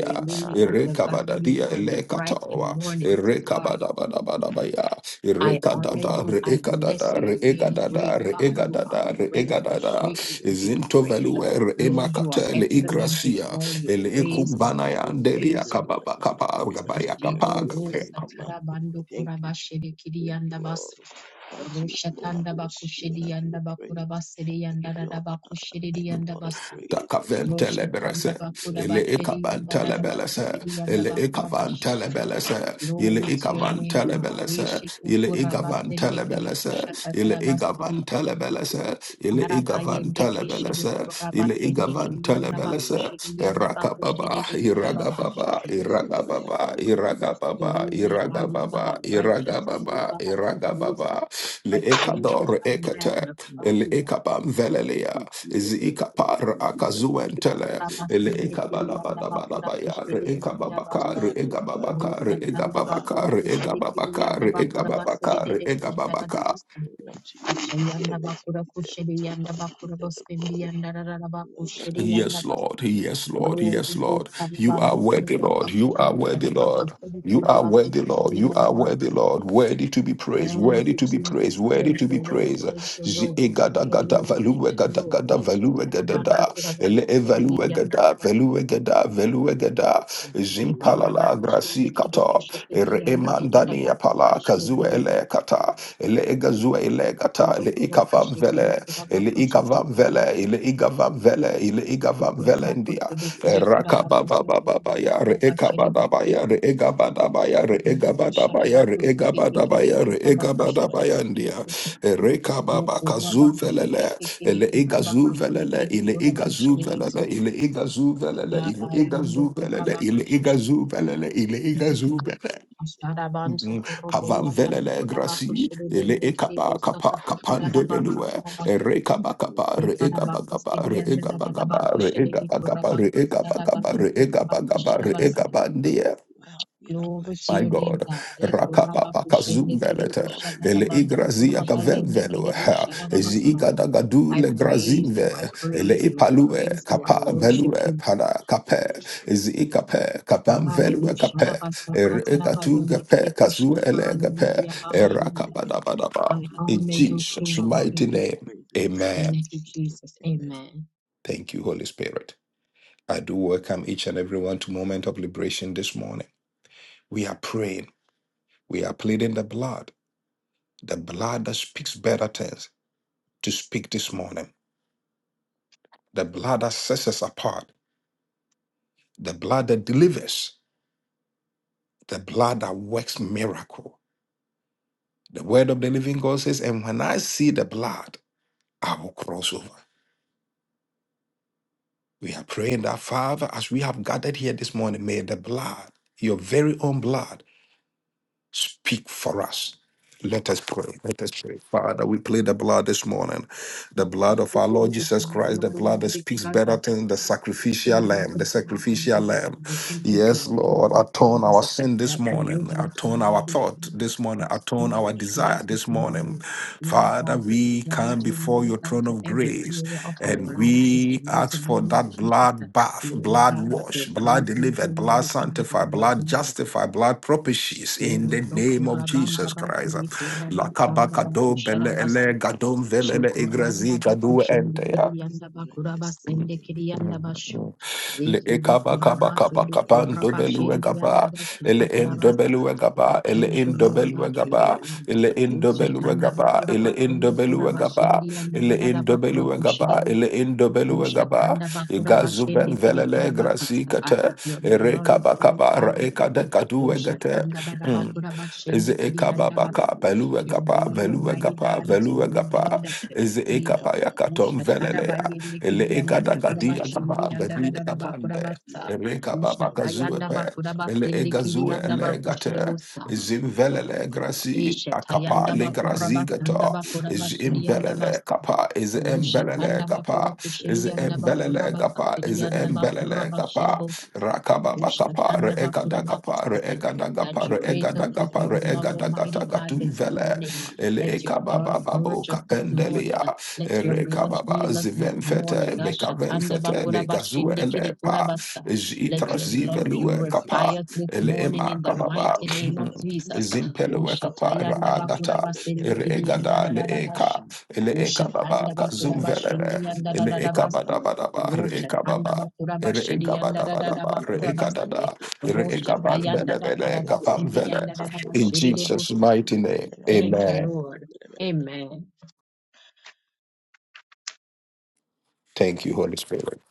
[SPEAKER 3] Be
[SPEAKER 2] Lily of
[SPEAKER 1] ere
[SPEAKER 2] the
[SPEAKER 1] kaba
[SPEAKER 3] magnified, be
[SPEAKER 2] valley. You
[SPEAKER 1] dia
[SPEAKER 2] are the
[SPEAKER 1] ele
[SPEAKER 3] glorified,
[SPEAKER 2] bright and
[SPEAKER 1] katawa
[SPEAKER 3] name, be
[SPEAKER 2] morning
[SPEAKER 1] ere
[SPEAKER 2] star.
[SPEAKER 3] glorified.
[SPEAKER 1] kaba da ba da ba da ba ya ere
[SPEAKER 2] I
[SPEAKER 1] kada
[SPEAKER 2] honor
[SPEAKER 1] da
[SPEAKER 2] you.
[SPEAKER 1] re
[SPEAKER 2] I
[SPEAKER 1] ekada
[SPEAKER 2] bless
[SPEAKER 1] da
[SPEAKER 2] your
[SPEAKER 1] re
[SPEAKER 3] Thank
[SPEAKER 2] name,
[SPEAKER 1] ekada
[SPEAKER 3] you,
[SPEAKER 1] da
[SPEAKER 2] great
[SPEAKER 1] re
[SPEAKER 2] God.
[SPEAKER 3] Father.
[SPEAKER 2] You
[SPEAKER 1] ekada
[SPEAKER 3] Thank
[SPEAKER 2] are
[SPEAKER 1] da
[SPEAKER 3] you,
[SPEAKER 1] re
[SPEAKER 3] God. I
[SPEAKER 2] great
[SPEAKER 1] ekada
[SPEAKER 2] and
[SPEAKER 3] bless
[SPEAKER 1] da
[SPEAKER 3] you. I
[SPEAKER 2] greatly to
[SPEAKER 3] bless
[SPEAKER 2] be
[SPEAKER 3] you. I bless
[SPEAKER 2] praised.
[SPEAKER 3] you. I
[SPEAKER 1] re
[SPEAKER 3] bless
[SPEAKER 2] Lord, you are
[SPEAKER 1] emakata
[SPEAKER 3] you.
[SPEAKER 1] ele
[SPEAKER 2] excellent in
[SPEAKER 1] igracia
[SPEAKER 2] all your
[SPEAKER 1] ele
[SPEAKER 3] You
[SPEAKER 2] ways,
[SPEAKER 3] deserve
[SPEAKER 2] and
[SPEAKER 3] all
[SPEAKER 1] ekumbana
[SPEAKER 3] the
[SPEAKER 2] I
[SPEAKER 1] ya
[SPEAKER 3] glory. You
[SPEAKER 1] delia
[SPEAKER 2] praise
[SPEAKER 3] deserve
[SPEAKER 2] you.
[SPEAKER 3] all
[SPEAKER 1] kaba ba
[SPEAKER 3] the honor.
[SPEAKER 1] kaba
[SPEAKER 3] Praise and
[SPEAKER 1] gaba
[SPEAKER 3] honor be all
[SPEAKER 2] Ashidoro
[SPEAKER 3] in your name and demand.
[SPEAKER 2] satarabando
[SPEAKER 3] Thank you,
[SPEAKER 2] kurabashede
[SPEAKER 3] Jesus. Thank you,
[SPEAKER 2] kiriyanda
[SPEAKER 3] Lord.
[SPEAKER 2] basu.
[SPEAKER 3] Thank you, Lord. I
[SPEAKER 2] Roshatanda
[SPEAKER 3] bless you
[SPEAKER 2] bakushedi
[SPEAKER 3] and I give
[SPEAKER 2] yanda
[SPEAKER 3] you praise.
[SPEAKER 2] bakurabasedi
[SPEAKER 3] I
[SPEAKER 2] yanda
[SPEAKER 3] give you
[SPEAKER 2] dada
[SPEAKER 3] all the honor. I
[SPEAKER 2] bakushedi
[SPEAKER 3] give you
[SPEAKER 2] yanda
[SPEAKER 3] all the
[SPEAKER 2] basu.
[SPEAKER 3] praise. I give you
[SPEAKER 1] Takavente
[SPEAKER 3] all the honor.
[SPEAKER 2] Roshatanda
[SPEAKER 1] lebelese,
[SPEAKER 3] I give you all the
[SPEAKER 1] ele
[SPEAKER 2] bakurabashedi
[SPEAKER 3] praise.
[SPEAKER 2] yanda
[SPEAKER 1] ikavante
[SPEAKER 2] dada
[SPEAKER 3] And I give
[SPEAKER 1] lebelese,
[SPEAKER 3] you
[SPEAKER 2] basekedi
[SPEAKER 3] all the
[SPEAKER 2] yanda
[SPEAKER 1] ele
[SPEAKER 3] glory. I give you
[SPEAKER 2] bakurabashi.
[SPEAKER 3] all
[SPEAKER 1] ikavante
[SPEAKER 3] the honor. I give
[SPEAKER 1] lebelese,
[SPEAKER 3] you all the glory. I
[SPEAKER 1] ele
[SPEAKER 2] Glory to your
[SPEAKER 1] ikavante
[SPEAKER 2] name, God.
[SPEAKER 1] lebelese,
[SPEAKER 2] Eshetu
[SPEAKER 1] ele ikavante
[SPEAKER 2] kurabasende kede
[SPEAKER 1] lebelese, ele
[SPEAKER 2] kushatarabasu.
[SPEAKER 1] ikavante
[SPEAKER 3] give
[SPEAKER 1] lebelese, ele
[SPEAKER 2] Parabayende
[SPEAKER 1] ikavante
[SPEAKER 3] you all
[SPEAKER 2] keshedu
[SPEAKER 3] the
[SPEAKER 1] lebelese,
[SPEAKER 3] honor.
[SPEAKER 1] ele
[SPEAKER 2] kurabasende kede
[SPEAKER 1] ikavante
[SPEAKER 3] متودد
[SPEAKER 2] yanda
[SPEAKER 1] lebelese,
[SPEAKER 2] bakushedi yanda bakushedi
[SPEAKER 1] Irakababa,
[SPEAKER 2] de kurabakushi.
[SPEAKER 1] Iragababa,
[SPEAKER 3] كبر بلا
[SPEAKER 1] Iragababa,
[SPEAKER 3] يكار كبان
[SPEAKER 1] Iragababa,
[SPEAKER 3] مثل أن
[SPEAKER 2] Holy
[SPEAKER 3] تكبر
[SPEAKER 2] are you,
[SPEAKER 3] نظر
[SPEAKER 1] Iragababa,
[SPEAKER 2] God.
[SPEAKER 3] بوش
[SPEAKER 2] Righteous are you,
[SPEAKER 3] بكي
[SPEAKER 1] Iragababa,
[SPEAKER 2] God. I praise you.
[SPEAKER 1] Iragababa, Le
[SPEAKER 2] I praise you.
[SPEAKER 1] Ekador
[SPEAKER 2] I
[SPEAKER 1] Ekate,
[SPEAKER 2] magnify
[SPEAKER 1] El
[SPEAKER 2] you.
[SPEAKER 1] Ekabam velelia,
[SPEAKER 3] Uchi walo
[SPEAKER 1] Zikapar
[SPEAKER 3] mafaili zakafaili
[SPEAKER 1] akazuentele. Ele
[SPEAKER 3] zezana
[SPEAKER 2] Abashende
[SPEAKER 3] faili
[SPEAKER 2] kidiyanda bakura
[SPEAKER 3] zakafaili
[SPEAKER 1] ekabadabadabadabaya.
[SPEAKER 3] wala
[SPEAKER 1] Re
[SPEAKER 2] kushede
[SPEAKER 3] nem
[SPEAKER 2] diyanda bas.
[SPEAKER 1] ekababaka. Re
[SPEAKER 3] imagnify be
[SPEAKER 1] egababaka. Re
[SPEAKER 2] Rosta kanda
[SPEAKER 1] egababaka.
[SPEAKER 3] glorified
[SPEAKER 2] bakura
[SPEAKER 1] Re
[SPEAKER 2] kushede
[SPEAKER 3] excellent is
[SPEAKER 1] egababaka.
[SPEAKER 3] your
[SPEAKER 2] kidiyanda
[SPEAKER 1] Re
[SPEAKER 3] name O
[SPEAKER 2] bakura
[SPEAKER 3] God
[SPEAKER 1] egababaka.
[SPEAKER 2] basede
[SPEAKER 1] Re
[SPEAKER 2] dede
[SPEAKER 3] Uchi
[SPEAKER 2] kushada da
[SPEAKER 1] egababaka.
[SPEAKER 3] yes
[SPEAKER 2] basta.
[SPEAKER 3] Lord Uchi you
[SPEAKER 2] Ashayanda
[SPEAKER 3] deserve it you
[SPEAKER 2] bakura
[SPEAKER 3] deserve
[SPEAKER 2] kushede
[SPEAKER 3] it
[SPEAKER 2] yanda
[SPEAKER 3] you
[SPEAKER 2] bakura baske diyanda rara bakushede yanda
[SPEAKER 1] Yes, Lord.
[SPEAKER 2] baste.
[SPEAKER 1] Yes, Lord.
[SPEAKER 2] Rohu
[SPEAKER 1] Yes, Lord.
[SPEAKER 2] bukani
[SPEAKER 1] You are
[SPEAKER 2] bandu kura
[SPEAKER 1] worthy, Lord. You
[SPEAKER 2] bakushede
[SPEAKER 1] are worthy,
[SPEAKER 2] diyanda
[SPEAKER 1] Lord.
[SPEAKER 2] bakushede
[SPEAKER 1] You
[SPEAKER 2] kura
[SPEAKER 1] are worthy,
[SPEAKER 2] bakushede
[SPEAKER 1] Lord. You are
[SPEAKER 2] diyanda
[SPEAKER 1] worthy,
[SPEAKER 2] baste.
[SPEAKER 1] Lord. Worthy to be
[SPEAKER 3] I
[SPEAKER 1] praised.
[SPEAKER 3] give
[SPEAKER 2] Thank
[SPEAKER 3] you
[SPEAKER 1] Worthy
[SPEAKER 2] you,
[SPEAKER 1] to
[SPEAKER 3] all
[SPEAKER 1] be
[SPEAKER 3] the
[SPEAKER 1] praised.
[SPEAKER 3] honor,
[SPEAKER 2] Jesus.
[SPEAKER 3] I
[SPEAKER 1] Worthy
[SPEAKER 2] Thank
[SPEAKER 3] give you
[SPEAKER 1] to
[SPEAKER 2] you,
[SPEAKER 1] be
[SPEAKER 3] all the
[SPEAKER 2] Lord.
[SPEAKER 1] praised.
[SPEAKER 2] Thank you, Lord. Thank
[SPEAKER 1] Zegada gada
[SPEAKER 2] you,
[SPEAKER 3] glory
[SPEAKER 1] gada
[SPEAKER 2] Lord.
[SPEAKER 3] for
[SPEAKER 1] value
[SPEAKER 3] all
[SPEAKER 2] Thank
[SPEAKER 3] the
[SPEAKER 2] you,
[SPEAKER 3] help
[SPEAKER 1] gada
[SPEAKER 3] that
[SPEAKER 2] Lord.
[SPEAKER 3] you
[SPEAKER 1] gada
[SPEAKER 3] should
[SPEAKER 2] Yeshe
[SPEAKER 3] come
[SPEAKER 1] value
[SPEAKER 3] to
[SPEAKER 1] gada
[SPEAKER 3] you,
[SPEAKER 2] karabando
[SPEAKER 3] Lord.
[SPEAKER 1] da. Ele
[SPEAKER 2] kurabako shigiri
[SPEAKER 1] evalue
[SPEAKER 2] yanda
[SPEAKER 1] gada
[SPEAKER 2] raba.
[SPEAKER 1] value gada value gada.
[SPEAKER 3] Thank you, O Lord, of
[SPEAKER 1] Zimpalala
[SPEAKER 2] Shikorabako
[SPEAKER 3] Kings,
[SPEAKER 1] grasi
[SPEAKER 3] thank you
[SPEAKER 2] shindikiri
[SPEAKER 3] for all
[SPEAKER 1] kata. Ere
[SPEAKER 2] kushikiti
[SPEAKER 3] you
[SPEAKER 2] yanda
[SPEAKER 3] have done, and I
[SPEAKER 2] rada
[SPEAKER 1] emandani
[SPEAKER 2] raba
[SPEAKER 3] thank
[SPEAKER 2] kuraba
[SPEAKER 1] apala
[SPEAKER 3] you for the
[SPEAKER 1] kazue
[SPEAKER 3] name.
[SPEAKER 2] shiribiriri.
[SPEAKER 1] ele
[SPEAKER 3] You
[SPEAKER 1] kata. Ele
[SPEAKER 3] magnify, be
[SPEAKER 1] egazue ele
[SPEAKER 3] glorified,
[SPEAKER 1] gata. Ele
[SPEAKER 3] and
[SPEAKER 2] Urokurako
[SPEAKER 3] be
[SPEAKER 1] ikavam
[SPEAKER 2] shikiri
[SPEAKER 1] vele
[SPEAKER 3] honored.
[SPEAKER 1] ele
[SPEAKER 2] kurabako
[SPEAKER 1] igavam vele
[SPEAKER 2] shikiri
[SPEAKER 1] ele
[SPEAKER 2] kutu.
[SPEAKER 3] You
[SPEAKER 1] igavam vele
[SPEAKER 3] deserve the
[SPEAKER 1] ele
[SPEAKER 3] glory, you
[SPEAKER 1] igavam
[SPEAKER 3] deserve
[SPEAKER 1] vele
[SPEAKER 3] the
[SPEAKER 2] Shikorabako
[SPEAKER 1] ndia
[SPEAKER 3] honor, and bless
[SPEAKER 2] shindikiri
[SPEAKER 3] your holy
[SPEAKER 2] kurabako
[SPEAKER 1] rakaba ba
[SPEAKER 3] name,
[SPEAKER 1] ba
[SPEAKER 3] I
[SPEAKER 1] ba
[SPEAKER 2] shikiti
[SPEAKER 1] ba
[SPEAKER 3] pray.
[SPEAKER 2] raba
[SPEAKER 1] ya re
[SPEAKER 2] kuraba
[SPEAKER 3] I
[SPEAKER 1] ekaba
[SPEAKER 2] shiribiri
[SPEAKER 1] da
[SPEAKER 3] give
[SPEAKER 1] ba
[SPEAKER 3] you all
[SPEAKER 1] ya
[SPEAKER 3] the
[SPEAKER 1] re
[SPEAKER 2] kurabako
[SPEAKER 3] glory,
[SPEAKER 2] shikiri.
[SPEAKER 3] I
[SPEAKER 1] egaba
[SPEAKER 3] give
[SPEAKER 1] da
[SPEAKER 3] you
[SPEAKER 1] ba ya
[SPEAKER 3] all
[SPEAKER 1] re
[SPEAKER 3] the honor, I give you
[SPEAKER 1] egaba
[SPEAKER 2] Rebeko
[SPEAKER 1] da
[SPEAKER 3] and
[SPEAKER 1] ba
[SPEAKER 3] all that
[SPEAKER 1] ya
[SPEAKER 3] is in
[SPEAKER 1] re
[SPEAKER 2] sharabako
[SPEAKER 3] the glory,
[SPEAKER 1] egaba
[SPEAKER 2] shikiti
[SPEAKER 1] da
[SPEAKER 3] I
[SPEAKER 1] ba
[SPEAKER 3] give
[SPEAKER 2] kiri
[SPEAKER 1] ya re
[SPEAKER 2] kurabako
[SPEAKER 1] egaba da
[SPEAKER 3] you the hallelujah.
[SPEAKER 1] ba ya
[SPEAKER 2] shikiti
[SPEAKER 1] ndia
[SPEAKER 2] kiri
[SPEAKER 3] Thank you, Lord,
[SPEAKER 1] rekaba
[SPEAKER 3] yes,
[SPEAKER 2] Glory
[SPEAKER 3] Lord,
[SPEAKER 1] ba
[SPEAKER 2] to
[SPEAKER 3] I bless
[SPEAKER 1] kazu
[SPEAKER 3] you, I
[SPEAKER 1] velele
[SPEAKER 3] bless you, I
[SPEAKER 1] ele
[SPEAKER 3] bless you, I
[SPEAKER 1] igazu
[SPEAKER 3] bless
[SPEAKER 1] velele ele
[SPEAKER 3] you, I
[SPEAKER 1] igazu
[SPEAKER 3] worship you,
[SPEAKER 1] velele
[SPEAKER 3] O
[SPEAKER 1] ele igazu
[SPEAKER 3] bless
[SPEAKER 1] velele
[SPEAKER 3] you,
[SPEAKER 1] ele
[SPEAKER 3] and
[SPEAKER 1] igazu velele ele igazu velele ele igazu velele Mhm. Kavam velele grasi ele ekapa kapa kapande belue ere kaba kaba re egaba gaba re egaba gaba re egaba gaba re egaba
[SPEAKER 3] Have
[SPEAKER 1] gaba
[SPEAKER 3] been up
[SPEAKER 1] re
[SPEAKER 3] with you
[SPEAKER 1] egaba
[SPEAKER 3] lose
[SPEAKER 1] gaba
[SPEAKER 3] on my
[SPEAKER 1] re
[SPEAKER 3] side, oh God.
[SPEAKER 1] egaba
[SPEAKER 3] I have been up bless
[SPEAKER 1] my
[SPEAKER 3] you
[SPEAKER 2] your
[SPEAKER 3] Lord. in
[SPEAKER 2] name,
[SPEAKER 1] God,
[SPEAKER 3] my
[SPEAKER 2] God. Eh,
[SPEAKER 3] eyes, Lord
[SPEAKER 2] kuraba
[SPEAKER 3] Jesus.
[SPEAKER 2] kushende
[SPEAKER 3] Just say
[SPEAKER 2] kiri
[SPEAKER 1] Rakababakazumvelete,
[SPEAKER 3] well do
[SPEAKER 2] kushadada
[SPEAKER 3] well
[SPEAKER 1] Ele
[SPEAKER 3] the hell
[SPEAKER 2] bansu
[SPEAKER 1] Igrazia
[SPEAKER 2] kuraba
[SPEAKER 3] child.
[SPEAKER 2] yende
[SPEAKER 1] Gavenvelo,
[SPEAKER 2] kiri
[SPEAKER 3] Unto you
[SPEAKER 2] bushadada
[SPEAKER 3] alone
[SPEAKER 2] basta.
[SPEAKER 3] can I pray. You
[SPEAKER 2] I
[SPEAKER 1] Ezigadagadoule
[SPEAKER 3] deserve it, Lord.
[SPEAKER 2] praise
[SPEAKER 3] You
[SPEAKER 2] you, I
[SPEAKER 1] Grazive,
[SPEAKER 3] deserve God.
[SPEAKER 1] Ele
[SPEAKER 2] praise
[SPEAKER 3] I
[SPEAKER 2] you, I
[SPEAKER 3] pray and
[SPEAKER 1] Ipalue,
[SPEAKER 2] praise
[SPEAKER 3] I
[SPEAKER 2] you, I
[SPEAKER 3] can
[SPEAKER 1] Kapa
[SPEAKER 3] talk in the
[SPEAKER 2] worship
[SPEAKER 1] Velue,
[SPEAKER 2] you.
[SPEAKER 3] name.
[SPEAKER 1] Pana Kape,
[SPEAKER 3] Bless you, Lord, and in your holy name, yes,
[SPEAKER 1] Ezikape,
[SPEAKER 3] Lord.
[SPEAKER 1] Kapam velue
[SPEAKER 2] Hallelujah,
[SPEAKER 1] Kape, Erekatu Gape, Kazuele Gape,
[SPEAKER 3] Bless your
[SPEAKER 2] hallelujah.
[SPEAKER 3] name, King of
[SPEAKER 1] Erakabadabadaba.
[SPEAKER 2] I
[SPEAKER 3] Kings, you deserve
[SPEAKER 1] In
[SPEAKER 2] honor
[SPEAKER 3] all the
[SPEAKER 2] you,
[SPEAKER 3] Lord.
[SPEAKER 2] King
[SPEAKER 1] Jesus'
[SPEAKER 2] of
[SPEAKER 3] the
[SPEAKER 1] mighty
[SPEAKER 2] Kings.
[SPEAKER 3] word of
[SPEAKER 1] name,
[SPEAKER 3] praise. and Thank
[SPEAKER 1] Amen.
[SPEAKER 3] you,
[SPEAKER 2] Thank you,
[SPEAKER 3] Jesus.
[SPEAKER 2] Jesus.
[SPEAKER 3] Amen.
[SPEAKER 2] Amen.
[SPEAKER 1] Thank you, Holy Spirit. I do welcome each and everyone to Moment of Liberation this morning. We are praying. We are pleading the blood. the blood that speaks better things to speak this morning, the blood that sets us apart, the blood that delivers, the blood that works miracle. The word of the living God says, and when I see the blood, I will cross over. We are praying that, Father, as we have gathered here this morning, may the blood, your very own blood, Speak for us. Let us pray. Let us pray. Father, we plead the blood this morning. The blood of our Lord Jesus Christ, the blood that
[SPEAKER 2] Mighty
[SPEAKER 1] speaks
[SPEAKER 2] God,
[SPEAKER 1] better
[SPEAKER 2] that is
[SPEAKER 1] than the
[SPEAKER 2] in the
[SPEAKER 1] sacrificial
[SPEAKER 2] mouth
[SPEAKER 1] lamb, the
[SPEAKER 2] of
[SPEAKER 3] I pray
[SPEAKER 2] God,
[SPEAKER 3] in my
[SPEAKER 1] sacrificial
[SPEAKER 3] time
[SPEAKER 2] Almighty God,
[SPEAKER 1] lamb.
[SPEAKER 2] we
[SPEAKER 3] I
[SPEAKER 2] thank you for
[SPEAKER 3] speak
[SPEAKER 1] Yes,
[SPEAKER 2] your
[SPEAKER 3] your
[SPEAKER 2] blood
[SPEAKER 1] Lord,
[SPEAKER 3] word.
[SPEAKER 2] that
[SPEAKER 1] atone
[SPEAKER 2] heals,
[SPEAKER 1] our
[SPEAKER 3] I
[SPEAKER 1] sin
[SPEAKER 3] pray
[SPEAKER 1] this
[SPEAKER 2] that
[SPEAKER 3] that you
[SPEAKER 1] morning,
[SPEAKER 3] will
[SPEAKER 2] delivers,
[SPEAKER 3] speak
[SPEAKER 1] atone
[SPEAKER 3] for me,
[SPEAKER 1] our
[SPEAKER 2] Almighty
[SPEAKER 1] thought
[SPEAKER 2] God,
[SPEAKER 1] this morning,
[SPEAKER 2] that's
[SPEAKER 3] I
[SPEAKER 1] atone
[SPEAKER 2] true,
[SPEAKER 3] pray
[SPEAKER 1] our
[SPEAKER 2] that
[SPEAKER 3] that you
[SPEAKER 2] heals
[SPEAKER 1] desire
[SPEAKER 3] will
[SPEAKER 2] this
[SPEAKER 1] this
[SPEAKER 3] speak for me in
[SPEAKER 1] morning.
[SPEAKER 2] morning.
[SPEAKER 3] the mighty
[SPEAKER 2] Lord
[SPEAKER 3] name of
[SPEAKER 1] Father,
[SPEAKER 2] God, we
[SPEAKER 1] We we
[SPEAKER 3] Jesus.
[SPEAKER 2] apply
[SPEAKER 3] Father,
[SPEAKER 2] it,
[SPEAKER 1] come
[SPEAKER 3] let your
[SPEAKER 1] before
[SPEAKER 2] Almighty
[SPEAKER 1] your
[SPEAKER 2] God,
[SPEAKER 1] throne
[SPEAKER 3] blessing
[SPEAKER 2] to
[SPEAKER 3] be
[SPEAKER 1] of
[SPEAKER 2] every
[SPEAKER 1] grace
[SPEAKER 2] area of
[SPEAKER 3] Let
[SPEAKER 2] our
[SPEAKER 3] your
[SPEAKER 1] and
[SPEAKER 2] lives
[SPEAKER 3] blessing
[SPEAKER 2] in
[SPEAKER 3] be
[SPEAKER 2] the
[SPEAKER 1] we
[SPEAKER 2] mighty
[SPEAKER 1] ask for
[SPEAKER 3] Lord.
[SPEAKER 2] name
[SPEAKER 3] Let
[SPEAKER 2] of
[SPEAKER 1] that
[SPEAKER 3] your
[SPEAKER 2] Jesus.
[SPEAKER 3] blessing
[SPEAKER 1] blood
[SPEAKER 3] be
[SPEAKER 1] bath,
[SPEAKER 2] Lord
[SPEAKER 1] blood
[SPEAKER 2] God, that
[SPEAKER 3] the mighty
[SPEAKER 1] wash,
[SPEAKER 2] will
[SPEAKER 1] blood
[SPEAKER 3] name
[SPEAKER 2] serve you,
[SPEAKER 1] delivered, blood
[SPEAKER 2] Almighty God, by
[SPEAKER 1] sanctified,
[SPEAKER 2] your
[SPEAKER 1] blood
[SPEAKER 2] blood.
[SPEAKER 1] justified, blood propitious
[SPEAKER 3] Let
[SPEAKER 1] in
[SPEAKER 3] your
[SPEAKER 2] Edo
[SPEAKER 1] the
[SPEAKER 3] blessing
[SPEAKER 2] so
[SPEAKER 1] name
[SPEAKER 3] speak in
[SPEAKER 1] of
[SPEAKER 3] the mighty
[SPEAKER 2] kurabanda
[SPEAKER 1] Jesus
[SPEAKER 3] name of
[SPEAKER 1] Christ.
[SPEAKER 2] basuri
[SPEAKER 3] Jesus. I pray that you
[SPEAKER 2] kurabasanda
[SPEAKER 3] let your
[SPEAKER 1] Lakabakado bele
[SPEAKER 3] blessing speak. Let
[SPEAKER 1] ele
[SPEAKER 3] your
[SPEAKER 1] gadon
[SPEAKER 3] blessing speak,
[SPEAKER 1] vele ele
[SPEAKER 3] Father.
[SPEAKER 2] Shikuranda
[SPEAKER 1] igrazi
[SPEAKER 3] Let
[SPEAKER 1] gadu
[SPEAKER 3] your
[SPEAKER 2] bakushun de
[SPEAKER 3] blessing
[SPEAKER 1] enteya.
[SPEAKER 3] speak this
[SPEAKER 2] kirianda
[SPEAKER 3] morning,
[SPEAKER 2] bakuraba
[SPEAKER 3] yes, Lord.
[SPEAKER 2] sende
[SPEAKER 3] In this,
[SPEAKER 2] kirianda bashu.
[SPEAKER 3] let your
[SPEAKER 1] Le
[SPEAKER 2] Zeke
[SPEAKER 3] blessing
[SPEAKER 2] do
[SPEAKER 3] speak,
[SPEAKER 1] ekaba
[SPEAKER 3] yes,
[SPEAKER 1] kaba
[SPEAKER 2] kuraba
[SPEAKER 3] Lord.
[SPEAKER 1] kaba
[SPEAKER 3] Let your
[SPEAKER 2] sende
[SPEAKER 1] kaba
[SPEAKER 2] kuraba
[SPEAKER 1] ndobelu
[SPEAKER 3] blessing speak.
[SPEAKER 2] shendianda
[SPEAKER 1] egaba ele
[SPEAKER 3] Thank you.
[SPEAKER 2] basnakatarabasa.
[SPEAKER 1] endobelu egaba
[SPEAKER 2] I
[SPEAKER 1] ele
[SPEAKER 2] thank the Lord
[SPEAKER 1] endobelu
[SPEAKER 2] God for your
[SPEAKER 1] egaba
[SPEAKER 2] goodness.
[SPEAKER 1] ele endobelu
[SPEAKER 2] Ushatanda
[SPEAKER 1] egaba
[SPEAKER 2] bakuraba
[SPEAKER 1] ele
[SPEAKER 2] sende
[SPEAKER 1] endobelu
[SPEAKER 2] kuraba
[SPEAKER 1] egaba
[SPEAKER 2] shendianda
[SPEAKER 1] ele
[SPEAKER 2] dadada
[SPEAKER 1] endobelu
[SPEAKER 2] bakura
[SPEAKER 1] egaba ele
[SPEAKER 2] kushiributsa.
[SPEAKER 1] endobelu egaba
[SPEAKER 2] Ushatanda bakuraba
[SPEAKER 1] igazu ben
[SPEAKER 2] shende kiri
[SPEAKER 1] velele
[SPEAKER 2] kuraba
[SPEAKER 1] grasi
[SPEAKER 2] katsa. Ah,
[SPEAKER 1] kate
[SPEAKER 2] Your
[SPEAKER 1] ere
[SPEAKER 2] blood is
[SPEAKER 1] kaba
[SPEAKER 2] all
[SPEAKER 1] kaba ra
[SPEAKER 2] powerful.
[SPEAKER 1] ekade kadu egate
[SPEAKER 2] Ushatanda dadada bakuraba
[SPEAKER 1] is
[SPEAKER 2] shende
[SPEAKER 1] it
[SPEAKER 2] kirianda
[SPEAKER 1] ekababaka
[SPEAKER 2] basa.
[SPEAKER 1] beluwe
[SPEAKER 2] Your
[SPEAKER 1] gapa
[SPEAKER 2] blood,
[SPEAKER 1] beluwe
[SPEAKER 2] Almighty
[SPEAKER 1] gapa
[SPEAKER 2] God, is the
[SPEAKER 1] beluwe
[SPEAKER 2] only blood
[SPEAKER 1] gapa?
[SPEAKER 2] that can
[SPEAKER 1] Is it
[SPEAKER 2] save us.
[SPEAKER 1] ekapaya katom
[SPEAKER 2] Ushatana ba
[SPEAKER 1] velelea?
[SPEAKER 2] yende
[SPEAKER 1] Ele
[SPEAKER 2] kidi yanda ba kuraba
[SPEAKER 1] ekadagadi agaba
[SPEAKER 2] shindi yanda da
[SPEAKER 1] bedi
[SPEAKER 2] da da ba kuraba
[SPEAKER 1] ekabande.
[SPEAKER 2] sa.
[SPEAKER 1] Ele kababaka
[SPEAKER 2] Ushatayanda ba
[SPEAKER 1] zuepe.
[SPEAKER 2] kuraba
[SPEAKER 1] Ele
[SPEAKER 2] sendi kidi
[SPEAKER 1] egazue
[SPEAKER 2] yanda ba
[SPEAKER 1] ele
[SPEAKER 2] kushide
[SPEAKER 1] gate.
[SPEAKER 2] bosa.
[SPEAKER 1] Zim
[SPEAKER 3] Abantu bano
[SPEAKER 1] velele
[SPEAKER 3] bali
[SPEAKER 1] grasi
[SPEAKER 3] batundu
[SPEAKER 1] akapa
[SPEAKER 2] Ishatayanda
[SPEAKER 1] le
[SPEAKER 2] ba
[SPEAKER 3] ey'endawulo
[SPEAKER 1] grasi
[SPEAKER 2] kuraba sanda
[SPEAKER 1] gato
[SPEAKER 2] ba kuraba
[SPEAKER 1] Is
[SPEAKER 2] shidi yanda ba
[SPEAKER 1] imbelele
[SPEAKER 2] su.
[SPEAKER 1] kapa. Is embelele
[SPEAKER 2] Ushatanda ba
[SPEAKER 1] kapa.
[SPEAKER 2] yanda
[SPEAKER 1] Is
[SPEAKER 2] yanda
[SPEAKER 1] embelele
[SPEAKER 2] yanda yanda yanda yanda bosa. Ushatayabayendekidiyandabakurabashendiyandaradarabakurabasa.
[SPEAKER 1] kapa. Is
[SPEAKER 2] Ushatayandabakurabasendekidiyandabakoshidibosa.
[SPEAKER 1] embelele
[SPEAKER 2] Eshatayandabakurabasandabakurabasendiyandabasu.
[SPEAKER 1] kapa.
[SPEAKER 2] bosa.
[SPEAKER 1] Rakababakapa,
[SPEAKER 2] Ushatandabakurabakas.
[SPEAKER 1] Reegadagapa, Reegadagapa,
[SPEAKER 2] Saturate us with
[SPEAKER 1] Reegadagapa,
[SPEAKER 2] your blood, Almighty God,
[SPEAKER 1] Reegadagatagatu
[SPEAKER 2] this
[SPEAKER 1] Vele,
[SPEAKER 2] morning. Let your blood
[SPEAKER 1] Elekabababo
[SPEAKER 2] purge us this morning.
[SPEAKER 1] Kapendelia,
[SPEAKER 2] Let your blood
[SPEAKER 1] Erekababa
[SPEAKER 2] heal us this
[SPEAKER 1] Zivenfete,
[SPEAKER 2] morning.
[SPEAKER 1] Bekavenfete, Legazue Elepa,
[SPEAKER 2] Ashatandabakurabashindikirikurabasa. Let
[SPEAKER 1] Jitra
[SPEAKER 2] your blood
[SPEAKER 1] Zivelue
[SPEAKER 2] purify
[SPEAKER 1] Kapa,
[SPEAKER 2] us this morning
[SPEAKER 1] Eleema
[SPEAKER 2] in the
[SPEAKER 1] Kababa,
[SPEAKER 2] mighty name of Jesus.
[SPEAKER 1] Zimpelue Kapa, Ragata, Eregada
[SPEAKER 2] Ushatayandabakurabasindikidiandadadadabasha.
[SPEAKER 1] Leeka, Eleeka Baba,
[SPEAKER 3] Yakabanda
[SPEAKER 1] Kazum
[SPEAKER 3] Kayabata
[SPEAKER 1] Vele,
[SPEAKER 3] Naya
[SPEAKER 1] Eleeka
[SPEAKER 2] Ushatandabakurabashindiandadadadabase.
[SPEAKER 3] Kavanaba
[SPEAKER 1] Badabadaba,
[SPEAKER 2] Rosha
[SPEAKER 1] Reeka
[SPEAKER 2] tanda
[SPEAKER 1] Baba,
[SPEAKER 2] bakura
[SPEAKER 1] Ere
[SPEAKER 2] bashedi yanda da da da
[SPEAKER 1] egabadabadaba,
[SPEAKER 3] Ekampayata
[SPEAKER 1] re
[SPEAKER 2] bakura
[SPEAKER 3] and the
[SPEAKER 2] basi.
[SPEAKER 1] egadada,
[SPEAKER 3] Kelebe and
[SPEAKER 1] re
[SPEAKER 3] the
[SPEAKER 2] Rosha
[SPEAKER 3] Kelebe and
[SPEAKER 2] tayanda
[SPEAKER 1] egabandele
[SPEAKER 3] the
[SPEAKER 1] bele,
[SPEAKER 2] bakura
[SPEAKER 3] Kelebe
[SPEAKER 2] basindi
[SPEAKER 1] gabambele.
[SPEAKER 2] yanda da da
[SPEAKER 3] Matunda
[SPEAKER 1] In
[SPEAKER 2] bashedi
[SPEAKER 3] Kavanaba
[SPEAKER 1] Jesus'
[SPEAKER 2] debosa.
[SPEAKER 1] mighty name,
[SPEAKER 3] Kamayama
[SPEAKER 2] Thank you,
[SPEAKER 3] and the
[SPEAKER 1] amen.
[SPEAKER 2] Lord.
[SPEAKER 3] Kelebe
[SPEAKER 2] Amen.
[SPEAKER 1] Thank you, Holy Spirit.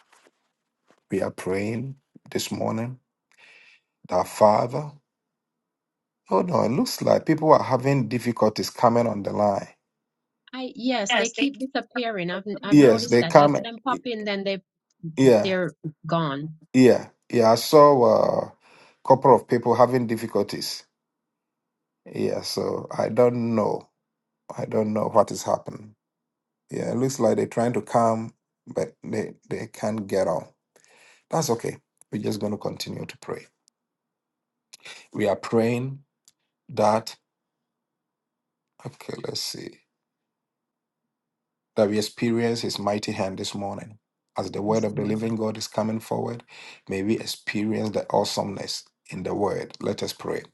[SPEAKER 1] We are praying this morning that Father. Oh no, it looks like people are having difficulties coming on the line.
[SPEAKER 2] I yes, they keep disappearing. I've I've
[SPEAKER 1] Yes,
[SPEAKER 2] noticed
[SPEAKER 1] they
[SPEAKER 2] that. I
[SPEAKER 1] come.
[SPEAKER 2] see them pop in, then they
[SPEAKER 1] Yeah,
[SPEAKER 2] they're gone.
[SPEAKER 1] yeah, yeah. I saw a couple of people having difficulties. Yeah, so I don't know. I don't know what is happening. Yeah, it looks like they're trying to come, but they, they can't get on. That's okay. We're just going to continue to pray. We are praying that, okay, let's see, that we experience His mighty hand this morning. As the word
[SPEAKER 2] Yes,
[SPEAKER 1] of the
[SPEAKER 2] Lord.
[SPEAKER 1] living God is coming forward, may we experience the awesomeness in the word. Let us pray.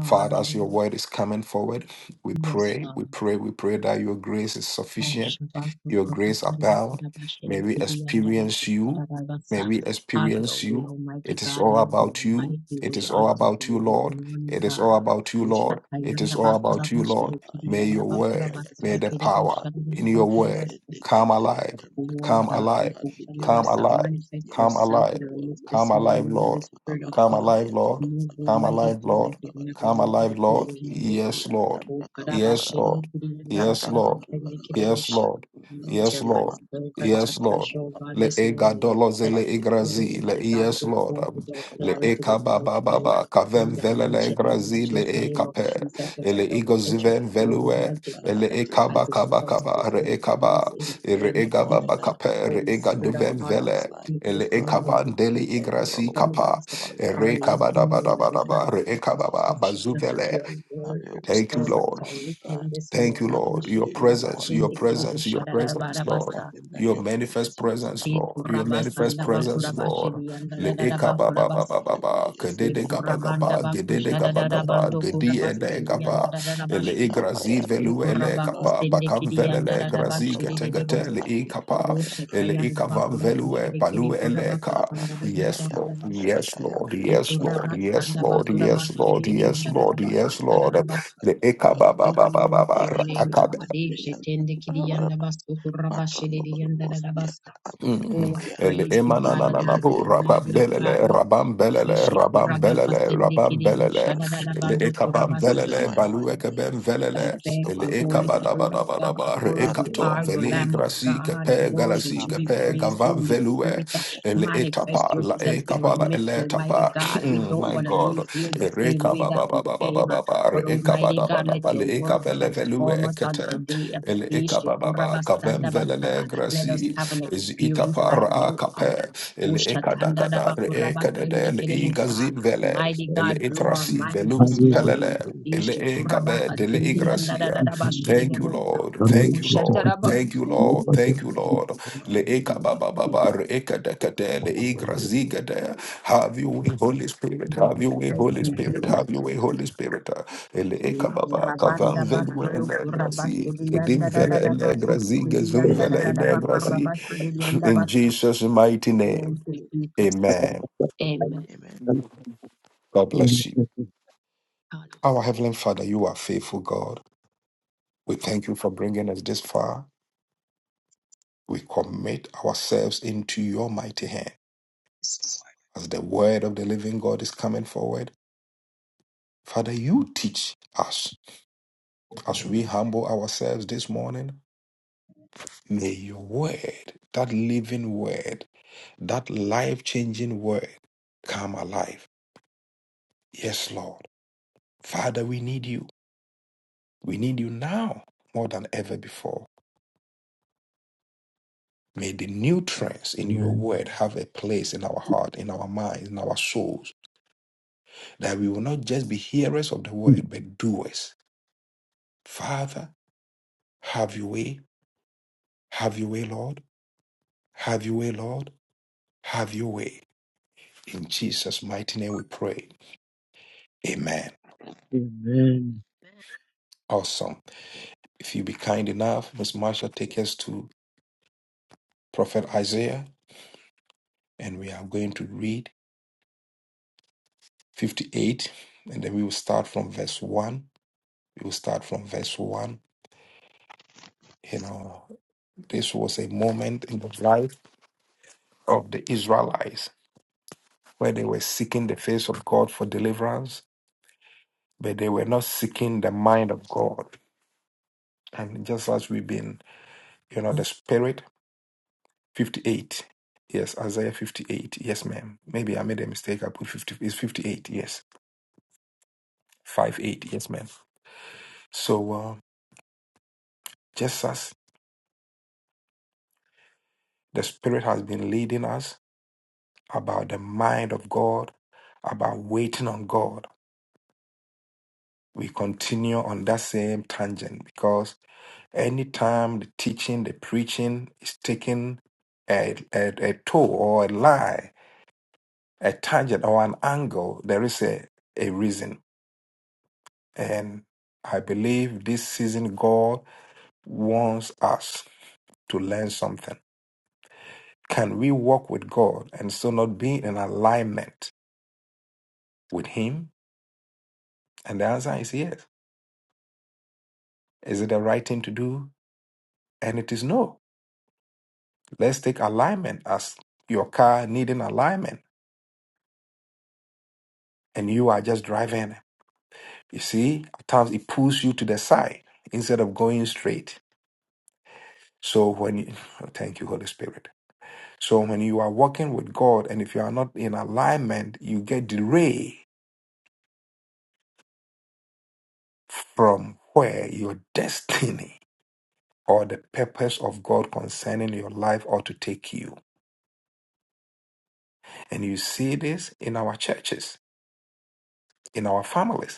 [SPEAKER 1] Father, as your word is coming forward, we
[SPEAKER 2] Yes,
[SPEAKER 1] pray, we
[SPEAKER 2] God.
[SPEAKER 1] pray, we pray that your grace is sufficient,
[SPEAKER 2] Bashabasu
[SPEAKER 1] your grace
[SPEAKER 2] Kurabandi
[SPEAKER 1] abound.
[SPEAKER 2] Kurabashiri
[SPEAKER 1] May we
[SPEAKER 2] Kiri and
[SPEAKER 1] experience you.
[SPEAKER 2] Abakusarabasa.
[SPEAKER 1] May we
[SPEAKER 2] Have your
[SPEAKER 1] experience
[SPEAKER 2] way,
[SPEAKER 1] you.
[SPEAKER 2] Almighty
[SPEAKER 1] It is
[SPEAKER 2] God,
[SPEAKER 1] all
[SPEAKER 2] move in
[SPEAKER 1] about
[SPEAKER 2] a
[SPEAKER 1] you.
[SPEAKER 2] mighty
[SPEAKER 1] It
[SPEAKER 2] way
[SPEAKER 1] is all
[SPEAKER 2] until
[SPEAKER 1] about
[SPEAKER 2] we
[SPEAKER 1] you,
[SPEAKER 2] this
[SPEAKER 1] Lord.
[SPEAKER 2] morning,
[SPEAKER 1] It is
[SPEAKER 2] God.
[SPEAKER 1] all about you, Lord. It
[SPEAKER 2] Ushakayanda
[SPEAKER 1] is all
[SPEAKER 2] Bakura
[SPEAKER 1] about
[SPEAKER 3] Yantaka
[SPEAKER 1] you, Lord.
[SPEAKER 2] Mashele Kiri
[SPEAKER 1] May
[SPEAKER 2] and
[SPEAKER 1] your
[SPEAKER 3] Ekapayama
[SPEAKER 2] Bakura
[SPEAKER 1] word, may
[SPEAKER 2] Basile
[SPEAKER 1] the
[SPEAKER 3] Yakanda
[SPEAKER 2] Kiri
[SPEAKER 1] power
[SPEAKER 3] Kavanabu
[SPEAKER 2] Bushanda
[SPEAKER 1] in your
[SPEAKER 2] bakura
[SPEAKER 1] word
[SPEAKER 3] Yanta
[SPEAKER 1] come alive,
[SPEAKER 2] Lord
[SPEAKER 1] come
[SPEAKER 3] babara
[SPEAKER 2] God,
[SPEAKER 3] bara
[SPEAKER 2] we
[SPEAKER 1] alive,
[SPEAKER 3] handi
[SPEAKER 1] come
[SPEAKER 3] kebere
[SPEAKER 2] Kushanabasa,
[SPEAKER 1] alive,
[SPEAKER 3] borobo
[SPEAKER 2] manifest
[SPEAKER 3] ya
[SPEAKER 1] come
[SPEAKER 2] yourself
[SPEAKER 1] alive,
[SPEAKER 2] in
[SPEAKER 3] matondo
[SPEAKER 2] our midst
[SPEAKER 3] borobo
[SPEAKER 1] come
[SPEAKER 2] this
[SPEAKER 1] alive,
[SPEAKER 2] morning, Holy
[SPEAKER 1] Lord.
[SPEAKER 3] yanta
[SPEAKER 2] Spirit of
[SPEAKER 3] babara
[SPEAKER 1] Come
[SPEAKER 3] bara
[SPEAKER 2] God.
[SPEAKER 3] bara
[SPEAKER 1] alive,
[SPEAKER 3] yanta
[SPEAKER 1] Lord.
[SPEAKER 2] Move,
[SPEAKER 3] babara
[SPEAKER 1] Come
[SPEAKER 3] bara bara
[SPEAKER 2] Almighty
[SPEAKER 1] alive,
[SPEAKER 3] yanta
[SPEAKER 2] God,
[SPEAKER 1] Lord.
[SPEAKER 2] like you've
[SPEAKER 3] babara bara
[SPEAKER 2] never
[SPEAKER 1] Come
[SPEAKER 3] bara
[SPEAKER 2] moved
[SPEAKER 1] alive,
[SPEAKER 2] before,
[SPEAKER 1] Lord.
[SPEAKER 2] Almighty
[SPEAKER 3] ikirindi
[SPEAKER 2] God.
[SPEAKER 1] Yes,
[SPEAKER 3] ya
[SPEAKER 1] Lord.
[SPEAKER 2] O
[SPEAKER 3] yanta kabara
[SPEAKER 1] Yes,
[SPEAKER 3] bara bara
[SPEAKER 2] Kadabashini
[SPEAKER 1] Lord. Yes,
[SPEAKER 3] yanta
[SPEAKER 1] Lord.
[SPEAKER 3] kabara
[SPEAKER 2] Kiriyandabakurabasini
[SPEAKER 3] bara bara
[SPEAKER 1] Yes,
[SPEAKER 3] yanta
[SPEAKER 2] Kiribosha.
[SPEAKER 1] Lord.
[SPEAKER 3] kabanda
[SPEAKER 2] Anoint
[SPEAKER 1] Yes,
[SPEAKER 2] your
[SPEAKER 3] siya
[SPEAKER 2] man's
[SPEAKER 1] Lord.
[SPEAKER 3] manto
[SPEAKER 2] servant
[SPEAKER 1] Yes,
[SPEAKER 3] kabanda
[SPEAKER 1] Lord.
[SPEAKER 2] afresh,
[SPEAKER 3] bara
[SPEAKER 2] O
[SPEAKER 3] bara
[SPEAKER 2] God,
[SPEAKER 1] Le
[SPEAKER 2] this
[SPEAKER 1] ega
[SPEAKER 2] morning.
[SPEAKER 3] ika
[SPEAKER 1] doloze
[SPEAKER 2] Let
[SPEAKER 1] le
[SPEAKER 2] your
[SPEAKER 3] handi
[SPEAKER 2] word,
[SPEAKER 3] kebere
[SPEAKER 1] igrazi le e
[SPEAKER 3] borobo
[SPEAKER 2] Almighty God,
[SPEAKER 1] yes
[SPEAKER 2] go
[SPEAKER 3] yanta
[SPEAKER 1] Lord
[SPEAKER 2] forth with
[SPEAKER 1] um,
[SPEAKER 3] manto
[SPEAKER 2] all
[SPEAKER 1] le
[SPEAKER 3] kabara bara
[SPEAKER 2] clarity,
[SPEAKER 1] eka
[SPEAKER 2] with
[SPEAKER 3] yanta
[SPEAKER 1] ba
[SPEAKER 2] all
[SPEAKER 1] ba
[SPEAKER 3] laga
[SPEAKER 1] ba
[SPEAKER 3] ya
[SPEAKER 2] power.
[SPEAKER 1] ba kavem
[SPEAKER 2] In the
[SPEAKER 1] vele
[SPEAKER 3] kabara
[SPEAKER 1] le
[SPEAKER 2] mighty and the
[SPEAKER 3] yanta
[SPEAKER 1] igrazi
[SPEAKER 3] ya
[SPEAKER 1] le
[SPEAKER 2] matchless name
[SPEAKER 1] eka
[SPEAKER 2] of
[SPEAKER 1] pe
[SPEAKER 3] kananda siya
[SPEAKER 2] Jesus, as a
[SPEAKER 1] ele
[SPEAKER 3] matondo
[SPEAKER 1] ego
[SPEAKER 2] double-edged
[SPEAKER 3] kabara
[SPEAKER 1] ziven
[SPEAKER 2] sword,
[SPEAKER 1] velue
[SPEAKER 2] Almighty
[SPEAKER 3] Father, I
[SPEAKER 2] God
[SPEAKER 1] ele
[SPEAKER 3] pray,
[SPEAKER 1] eka
[SPEAKER 2] as
[SPEAKER 1] ba
[SPEAKER 3] oh
[SPEAKER 2] it
[SPEAKER 1] ka
[SPEAKER 3] God,
[SPEAKER 1] ba
[SPEAKER 3] that
[SPEAKER 1] ka
[SPEAKER 2] touched
[SPEAKER 3] your
[SPEAKER 1] ba
[SPEAKER 2] this
[SPEAKER 1] re
[SPEAKER 2] whole
[SPEAKER 3] name
[SPEAKER 1] eka
[SPEAKER 3] be
[SPEAKER 2] fields in the
[SPEAKER 3] glorified
[SPEAKER 1] re
[SPEAKER 2] name
[SPEAKER 3] this
[SPEAKER 2] of
[SPEAKER 1] ega ba
[SPEAKER 3] morning.
[SPEAKER 1] ba
[SPEAKER 2] Jesus.
[SPEAKER 3] uh,
[SPEAKER 1] ka re
[SPEAKER 2] Holy
[SPEAKER 3] Let
[SPEAKER 1] ega
[SPEAKER 3] your
[SPEAKER 2] Spirit of
[SPEAKER 1] duven
[SPEAKER 3] word
[SPEAKER 2] God, we
[SPEAKER 3] come
[SPEAKER 1] vele
[SPEAKER 3] alive,
[SPEAKER 2] speak
[SPEAKER 3] oh
[SPEAKER 1] le
[SPEAKER 2] this
[SPEAKER 1] eka
[SPEAKER 3] God.
[SPEAKER 2] morning
[SPEAKER 1] ba
[SPEAKER 2] because
[SPEAKER 1] ndeli
[SPEAKER 2] of
[SPEAKER 3] Let
[SPEAKER 2] your
[SPEAKER 3] your
[SPEAKER 1] igrasi
[SPEAKER 3] word
[SPEAKER 1] kapa
[SPEAKER 2] servants
[SPEAKER 3] come alive
[SPEAKER 2] are
[SPEAKER 3] uh,
[SPEAKER 2] listening,
[SPEAKER 3] in the
[SPEAKER 2] Almighty
[SPEAKER 3] mighty
[SPEAKER 2] God,
[SPEAKER 1] Erekabadabadabadaba,
[SPEAKER 2] for
[SPEAKER 3] name
[SPEAKER 2] your
[SPEAKER 3] of
[SPEAKER 1] rekababa,
[SPEAKER 3] Jesus
[SPEAKER 2] instruction.
[SPEAKER 3] Christ.
[SPEAKER 1] bazubele.
[SPEAKER 2] Your
[SPEAKER 3] Have
[SPEAKER 2] word
[SPEAKER 3] your way
[SPEAKER 1] Thank you,
[SPEAKER 3] this
[SPEAKER 2] servants
[SPEAKER 1] Lord.
[SPEAKER 2] are
[SPEAKER 3] morning, oh
[SPEAKER 2] listening
[SPEAKER 3] God.
[SPEAKER 2] this
[SPEAKER 1] Thank you,
[SPEAKER 2] morning.
[SPEAKER 3] Have your
[SPEAKER 1] Lord. Your
[SPEAKER 3] way this
[SPEAKER 1] presence,
[SPEAKER 3] morning,
[SPEAKER 1] your
[SPEAKER 2] Ishikurabasende
[SPEAKER 3] oh God.
[SPEAKER 1] presence, your
[SPEAKER 3] We
[SPEAKER 1] presence,
[SPEAKER 3] need
[SPEAKER 1] Lord.
[SPEAKER 2] kiribushadadabarabasa,
[SPEAKER 3] nothing than
[SPEAKER 1] Your
[SPEAKER 3] your
[SPEAKER 1] manifest
[SPEAKER 3] presence, oh
[SPEAKER 1] presence,
[SPEAKER 3] God.
[SPEAKER 1] Lord. Your
[SPEAKER 3] We need your
[SPEAKER 1] manifest presence,
[SPEAKER 3] presence.
[SPEAKER 1] Lord.
[SPEAKER 3] Have
[SPEAKER 1] Le
[SPEAKER 3] your way.
[SPEAKER 1] eka ba ba ba ba
[SPEAKER 3] Have
[SPEAKER 1] ba
[SPEAKER 3] your way,
[SPEAKER 1] ba.
[SPEAKER 3] yes,
[SPEAKER 1] Kedede
[SPEAKER 3] Lord.
[SPEAKER 1] gaba gaba.
[SPEAKER 3] Give
[SPEAKER 1] Gedede
[SPEAKER 3] us
[SPEAKER 1] gaba
[SPEAKER 3] your
[SPEAKER 1] gaba.
[SPEAKER 2] ikurabandabakushadadadabando
[SPEAKER 3] time and
[SPEAKER 1] Gedi
[SPEAKER 3] give
[SPEAKER 1] ede
[SPEAKER 2] kurabasindi,
[SPEAKER 3] it
[SPEAKER 1] gaba. Ele
[SPEAKER 3] away.
[SPEAKER 1] igrazi velu ele
[SPEAKER 3] Ikapayanta
[SPEAKER 1] kapa.
[SPEAKER 2] Ikorabakusende
[SPEAKER 1] Bakam
[SPEAKER 2] kirianda
[SPEAKER 1] velele
[SPEAKER 3] Matundo
[SPEAKER 1] grazi gete
[SPEAKER 2] rarabashirire
[SPEAKER 3] kabanda bana
[SPEAKER 1] gete le
[SPEAKER 2] bosa.
[SPEAKER 3] bati kapa
[SPEAKER 1] ikapa.
[SPEAKER 3] ya
[SPEAKER 2] Rosha
[SPEAKER 3] ba
[SPEAKER 1] Ele
[SPEAKER 2] kayanda
[SPEAKER 1] ikavam
[SPEAKER 2] bakura
[SPEAKER 1] velue
[SPEAKER 2] kushire kiri
[SPEAKER 1] palu ele ka.
[SPEAKER 2] korabakusanda
[SPEAKER 3] kabranda siya
[SPEAKER 1] Yes, Lord.
[SPEAKER 2] rarabakura
[SPEAKER 3] yanta kala
[SPEAKER 2] bashire.
[SPEAKER 3] ya
[SPEAKER 1] Yes, Lord.
[SPEAKER 3] yanta
[SPEAKER 1] Yes,
[SPEAKER 3] kala ya
[SPEAKER 1] Lord.
[SPEAKER 3] yanta
[SPEAKER 1] Yes,
[SPEAKER 2] Dekorabasanda
[SPEAKER 3] kala
[SPEAKER 1] Lord.
[SPEAKER 3] ya
[SPEAKER 2] bakura
[SPEAKER 1] Yes,
[SPEAKER 2] bashire
[SPEAKER 1] Lord.
[SPEAKER 3] indi
[SPEAKER 1] Yes,
[SPEAKER 2] yanda
[SPEAKER 3] kibele
[SPEAKER 1] Lord.
[SPEAKER 3] bele
[SPEAKER 1] Yes,
[SPEAKER 3] bele
[SPEAKER 2] rarabakusta
[SPEAKER 3] bele
[SPEAKER 1] Lord.
[SPEAKER 3] bele ya
[SPEAKER 2] rarabasu.
[SPEAKER 1] Le
[SPEAKER 3] tanda kaba ya ba
[SPEAKER 2] Glory
[SPEAKER 1] ekabababababa,
[SPEAKER 2] to
[SPEAKER 3] i
[SPEAKER 2] your name,
[SPEAKER 3] kabranda
[SPEAKER 2] God.
[SPEAKER 3] siya
[SPEAKER 2] Eshe
[SPEAKER 3] yanta
[SPEAKER 2] tende
[SPEAKER 3] kabara bara
[SPEAKER 2] kirianda
[SPEAKER 3] ba
[SPEAKER 2] basu korabashire
[SPEAKER 3] matondo bana
[SPEAKER 2] yanda
[SPEAKER 3] mosi ka
[SPEAKER 2] rarabasa.
[SPEAKER 3] ande
[SPEAKER 1] Mm.
[SPEAKER 3] bele
[SPEAKER 2] Oh,
[SPEAKER 3] bele
[SPEAKER 2] I
[SPEAKER 3] ya
[SPEAKER 1] El
[SPEAKER 2] praise you,
[SPEAKER 1] na
[SPEAKER 3] i
[SPEAKER 1] na na
[SPEAKER 2] Adonai.
[SPEAKER 1] bu
[SPEAKER 3] bele
[SPEAKER 2] I
[SPEAKER 3] bele
[SPEAKER 1] rabam
[SPEAKER 3] bele bele
[SPEAKER 2] magnify
[SPEAKER 1] belele
[SPEAKER 3] bele
[SPEAKER 2] you.
[SPEAKER 1] rabam
[SPEAKER 3] yanta
[SPEAKER 1] belele
[SPEAKER 2] Eshe
[SPEAKER 3] la
[SPEAKER 1] rabam
[SPEAKER 3] kaba ya
[SPEAKER 1] belele
[SPEAKER 2] korabakasende
[SPEAKER 1] rabam
[SPEAKER 2] kiri
[SPEAKER 3] yanta
[SPEAKER 1] belele
[SPEAKER 2] bosa
[SPEAKER 3] kala kaba
[SPEAKER 1] el
[SPEAKER 3] ya
[SPEAKER 2] rarabando
[SPEAKER 1] ekabam
[SPEAKER 3] i
[SPEAKER 2] korabasa.
[SPEAKER 1] belele
[SPEAKER 3] ya
[SPEAKER 1] balu
[SPEAKER 3] bele ba
[SPEAKER 1] ekabem
[SPEAKER 2] I
[SPEAKER 1] velele
[SPEAKER 3] yanta
[SPEAKER 2] thank
[SPEAKER 1] el
[SPEAKER 2] you,
[SPEAKER 3] kabanda
[SPEAKER 2] Holy
[SPEAKER 3] bana ba
[SPEAKER 1] ekabada
[SPEAKER 2] Spirit
[SPEAKER 1] bada
[SPEAKER 2] of
[SPEAKER 1] bada
[SPEAKER 2] God.
[SPEAKER 3] yanta
[SPEAKER 1] bar
[SPEAKER 3] kabanda
[SPEAKER 2] Worthy
[SPEAKER 3] bana
[SPEAKER 1] ekato
[SPEAKER 2] are
[SPEAKER 3] ba
[SPEAKER 2] you,
[SPEAKER 1] veli
[SPEAKER 3] kabanda
[SPEAKER 2] Lamb of
[SPEAKER 3] bana
[SPEAKER 1] grasi
[SPEAKER 2] God, and
[SPEAKER 1] kepe
[SPEAKER 2] worthy
[SPEAKER 1] galasi
[SPEAKER 3] Thank
[SPEAKER 2] to be
[SPEAKER 1] kepe
[SPEAKER 2] praised,
[SPEAKER 1] gavam
[SPEAKER 2] Holy
[SPEAKER 1] velue
[SPEAKER 2] Spirit. uh,
[SPEAKER 1] el
[SPEAKER 2] Manifest
[SPEAKER 1] etapa la
[SPEAKER 2] yourself in our
[SPEAKER 1] ekabala el
[SPEAKER 2] midst, Almighty
[SPEAKER 1] etapa
[SPEAKER 2] God. We
[SPEAKER 1] Mm,
[SPEAKER 2] don't
[SPEAKER 1] my
[SPEAKER 2] want to
[SPEAKER 1] god
[SPEAKER 2] leave here the
[SPEAKER 1] el
[SPEAKER 2] same way
[SPEAKER 1] kababa
[SPEAKER 2] that
[SPEAKER 1] baba
[SPEAKER 2] we
[SPEAKER 1] baba
[SPEAKER 2] came. uh,
[SPEAKER 1] baba
[SPEAKER 2] But
[SPEAKER 1] re
[SPEAKER 2] Almighty
[SPEAKER 1] ekabada
[SPEAKER 2] God,
[SPEAKER 1] bada
[SPEAKER 2] let your
[SPEAKER 1] bale
[SPEAKER 2] words
[SPEAKER 1] ekabele velue
[SPEAKER 2] transform us on
[SPEAKER 1] ekete
[SPEAKER 2] today. uh,
[SPEAKER 1] el ekababa kavem velele
[SPEAKER 2] Ishikurabastandabasta. Let
[SPEAKER 1] grasi
[SPEAKER 2] us have an experience like
[SPEAKER 1] Zitapara
[SPEAKER 2] no other.
[SPEAKER 1] akape, ele ekadakada, re ekadede, le
[SPEAKER 2] Ushatandadabakurabastendekidebosa.
[SPEAKER 1] igazin vele,
[SPEAKER 2] Mighty
[SPEAKER 1] ele
[SPEAKER 2] God, blow our
[SPEAKER 1] itrasi
[SPEAKER 2] minds
[SPEAKER 1] velu
[SPEAKER 2] this
[SPEAKER 4] Amen.
[SPEAKER 2] morning.
[SPEAKER 1] impelele, ele
[SPEAKER 2] Ishe
[SPEAKER 1] ekabe,
[SPEAKER 2] kurabaka
[SPEAKER 1] dele
[SPEAKER 2] sendi anda da da
[SPEAKER 1] igracia.
[SPEAKER 2] da ba de
[SPEAKER 1] Thank you,
[SPEAKER 2] bota.
[SPEAKER 1] Lord. Thank you, Lord.
[SPEAKER 2] Ushatara
[SPEAKER 1] Thank you,
[SPEAKER 2] si.
[SPEAKER 1] Lord. Thank you, Lord. Le ekababa baba, ba re ekadakade, le igrazigade.
[SPEAKER 3] you.
[SPEAKER 1] Have you way, Holy
[SPEAKER 3] Atondo
[SPEAKER 1] Spirit.
[SPEAKER 3] Borobo
[SPEAKER 1] Have you
[SPEAKER 2] Doya
[SPEAKER 3] X
[SPEAKER 1] way,
[SPEAKER 2] thank
[SPEAKER 1] Holy
[SPEAKER 2] you
[SPEAKER 1] Spirit.
[SPEAKER 2] Jesus.
[SPEAKER 1] Have
[SPEAKER 3] Parabayanda
[SPEAKER 1] you way, Holy
[SPEAKER 3] Lamina
[SPEAKER 1] Spirit. Ele
[SPEAKER 3] Atondo
[SPEAKER 2] E
[SPEAKER 3] Borobo
[SPEAKER 1] ekababa, kavam
[SPEAKER 2] kurabanda
[SPEAKER 3] Yana
[SPEAKER 2] ba
[SPEAKER 1] velu
[SPEAKER 2] shere
[SPEAKER 1] ele
[SPEAKER 2] kurabase
[SPEAKER 1] grasi.
[SPEAKER 2] de
[SPEAKER 3] Ikindikiki
[SPEAKER 1] Edim
[SPEAKER 2] yanda da
[SPEAKER 1] vele
[SPEAKER 2] da da ba
[SPEAKER 1] ele
[SPEAKER 3] Ikindikiki
[SPEAKER 1] grazi,
[SPEAKER 2] de
[SPEAKER 1] gezum
[SPEAKER 3] Ikindikiki
[SPEAKER 2] yanda da
[SPEAKER 1] vele
[SPEAKER 2] da da
[SPEAKER 1] ele
[SPEAKER 2] ba
[SPEAKER 1] grasi.
[SPEAKER 2] de yanda ba
[SPEAKER 1] In
[SPEAKER 3] Kamayana
[SPEAKER 1] Jesus' mighty name,
[SPEAKER 2] Thank you
[SPEAKER 3] Ikindikiki
[SPEAKER 2] Jesus.
[SPEAKER 1] amen.
[SPEAKER 2] Amen.
[SPEAKER 3] Amen
[SPEAKER 1] God bless you. Our
[SPEAKER 2] Hallelujah.
[SPEAKER 1] Heavenly Father, you are faithful God. We thank you for bringing us this far. We commit ourselves into your mighty hand. As the word of the living God is coming forward, Father, you teach us. As we humble ourselves this morning, may your word, that living word, that life changing word, come alive. Yes, Lord. Father, we need you. We need you now more than ever before. May the nutrients in your
[SPEAKER 4] Amen.
[SPEAKER 1] word have a place in our heart, in our minds, in our souls, that we will not just be hearers of the word, but doers. Father, have your way. Have your way, Lord. Have your way, Lord. Have your way. In Jesus' mighty name we pray. Amen.
[SPEAKER 4] Amen.
[SPEAKER 1] Awesome. If you be kind enough, Miss Marsha, take us to Prophet Isaiah, and we are going to read 58, and then we will start from verse 1. We will start from verse 1 you know This was a moment in the life of the Israelites where they were seeking the face of God for deliverance, but they were not seeking the mind of God. And just as we've been, you know, the Spirit, 58. Yes, Isaiah 58. Yes, ma'am. Maybe I made a mistake. I put 50. It's 58. Yes. 5 8. Yes, ma'am. So uh, just as the Spirit has been leading us about the mind of God, about waiting on God we continue on that same tangent because anytime the teaching, the preaching is taking a, a, a toe or a lie, a tangent or an angle, there is a, a reason. And I believe this season God wants us to learn something. Can we walk with God and still not be in alignment with Him? And the answer is yes. Is it the right thing to do? And it is no. Let's take alignment as your car needing alignment and you are just driving. You see, at times it pulls you to the side instead of going straight. So when you, thank you, Holy Spirit. So when you are walking with God and if you are not in alignment, you get derailed from where your destiny or the purpose of God concerning your life ought to take you. And you see this in our churches, in our families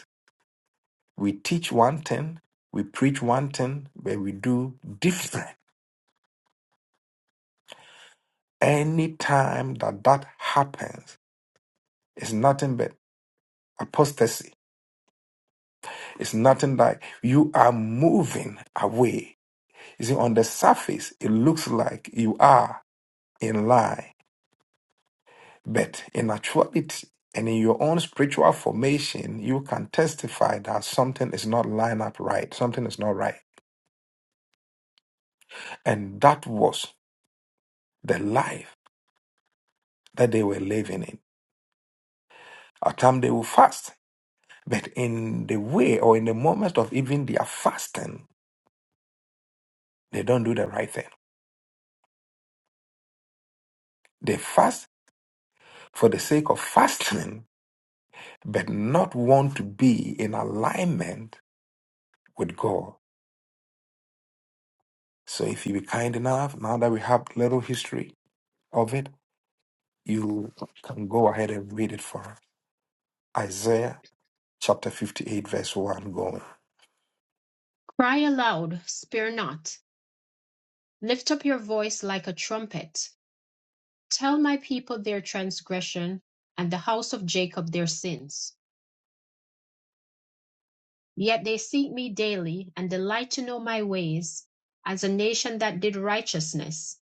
[SPEAKER 1] We teach one thing, we preach one thing, but we do different. Any time that that happens, it's nothing but apostasy. It's nothing like you are moving away. You see, on the surface, it looks like you are in line, but in actuality, and in your own spiritual formation, you can testify that something is not line up right, something is not right. And that was the life that they were living in. At times they will fast, but in the way or in the moment of even their fasting, they don't do the right thing. They fast for the sake of fasting, but not want to be in alignment with God. So if you be kind enough, now that we have little history of it, you can go ahead and read it for us. Isaiah chapter 58, verse 1 going.
[SPEAKER 2] Cry aloud, spare not. Lift up your voice like a trumpet. Tell my people their transgression and the house of Jacob their sins. Yet they seek me daily, and delight to know my ways, as a nation that did righteousness,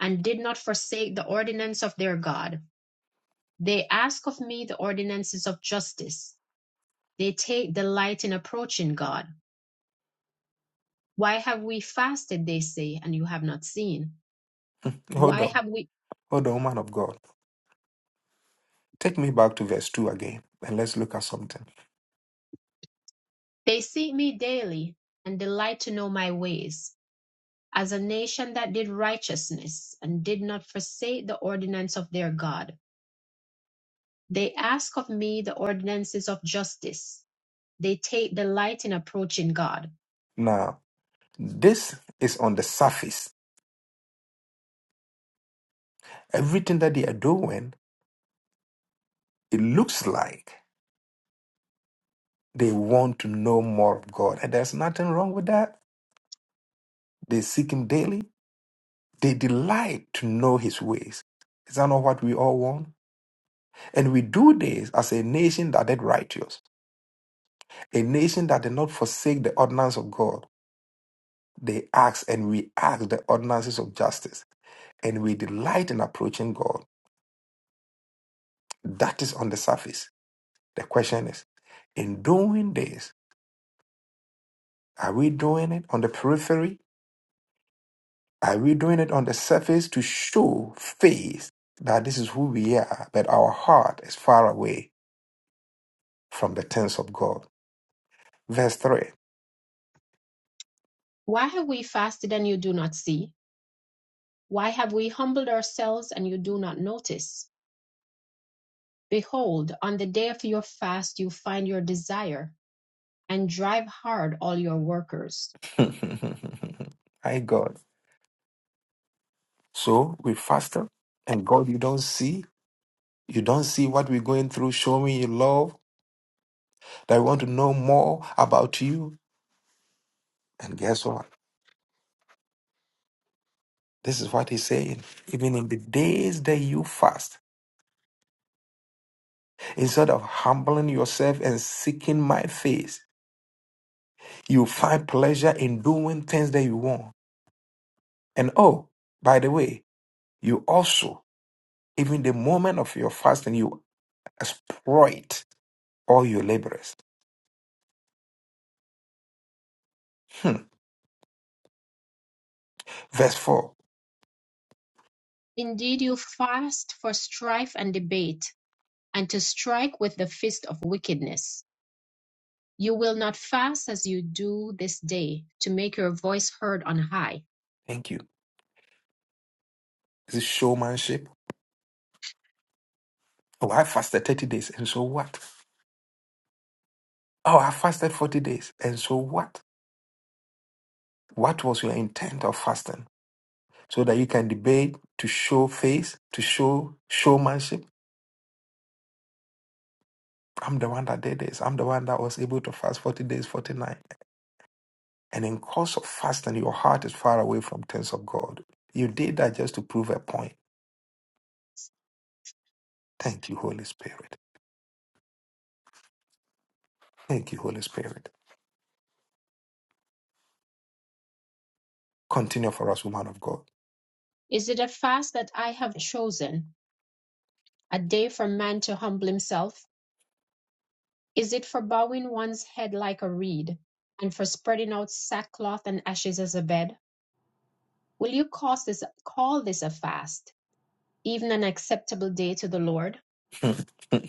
[SPEAKER 2] and did not forsake the ordinance of their God. They ask of me the ordinances of justice. They take delight in approaching God. Why have we fasted, they say, and you have not seen?
[SPEAKER 1] Hold
[SPEAKER 2] Why
[SPEAKER 1] on.
[SPEAKER 2] have we?
[SPEAKER 1] Hold on, man of God. Take me back to verse 2 again and let's look at something.
[SPEAKER 2] They seek me daily, and delight to know my ways, as a nation that did righteousness, and did not forsake the ordinance of their God. They ask of me the ordinances of justice. They take delight in approaching God.
[SPEAKER 1] This is on the surface. Everything that they are doing, it looks like they want to know more of God. And there's nothing wrong with that. They seek Him daily, they delight to know His ways. Is that not what we all want? And we do this as a nation that is righteous, a nation that did not forsake the ordinance of God. They ask and we ask the ordinances of justice, and we delight in approaching God. That is on the surface. The question is, in doing this, Are we doing it on the periphery? Are we doing it on the surface to show face that this is who we are, but our heart is far away from the things of God? Verse 3.
[SPEAKER 2] Why have we fasted and you do not see? Why have we humbled ourselves and you do not notice? Behold, on the day of your fast you find your desire and drive hard all your workers.
[SPEAKER 1] My God. So we fasted, and God, you don't see. You don't see what we're going through. Show me your love. That I want to know more about you. And guess what? This is what he's saying. Even in the days that you fast, instead of humbling yourself and seeking my face, You find pleasure in doing things that you want. And oh, by the way, you also, even the moment of your fasting, you exploit all your labors. Hmm. Verse 4.
[SPEAKER 2] Indeed, you fast for strife and debate and to strike with the fist of wickedness. You will not fast as you do this day to make your voice heard on high
[SPEAKER 1] Thank you. This is it showmanship. Oh, I fasted 30 days, and so what? Oh, I fasted 40 days, and so what? What was your intent of fasting? So that you can debate to show face, to show showmanship. I'm the one that did this. I'm the one that was able to fast 40 days, 49. And in course of fasting, your heart is far away from things of God. You did that just to prove a point. Thank you, Holy Spirit. Thank you, Holy Spirit. Continue for us, woman of God.
[SPEAKER 2] Is it a fast that I have chosen, a day for man to humble himself? Is it for bowing one's head like a reed, and for spreading out sackcloth and ashes as a bed? Will you cause this, call this a fast, even an acceptable day to the Lord?
[SPEAKER 1] have,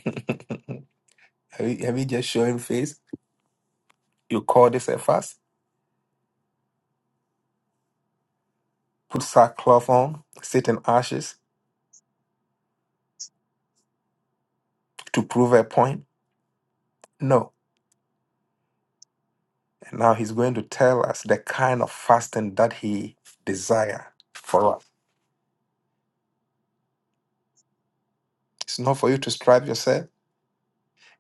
[SPEAKER 1] you, have you just showing face? You call this a fast? Put sackcloth on, sit in ashes to prove a point? No. And now he's going to tell us the kind of fasting that he desire for us. It's not for you to strive yourself.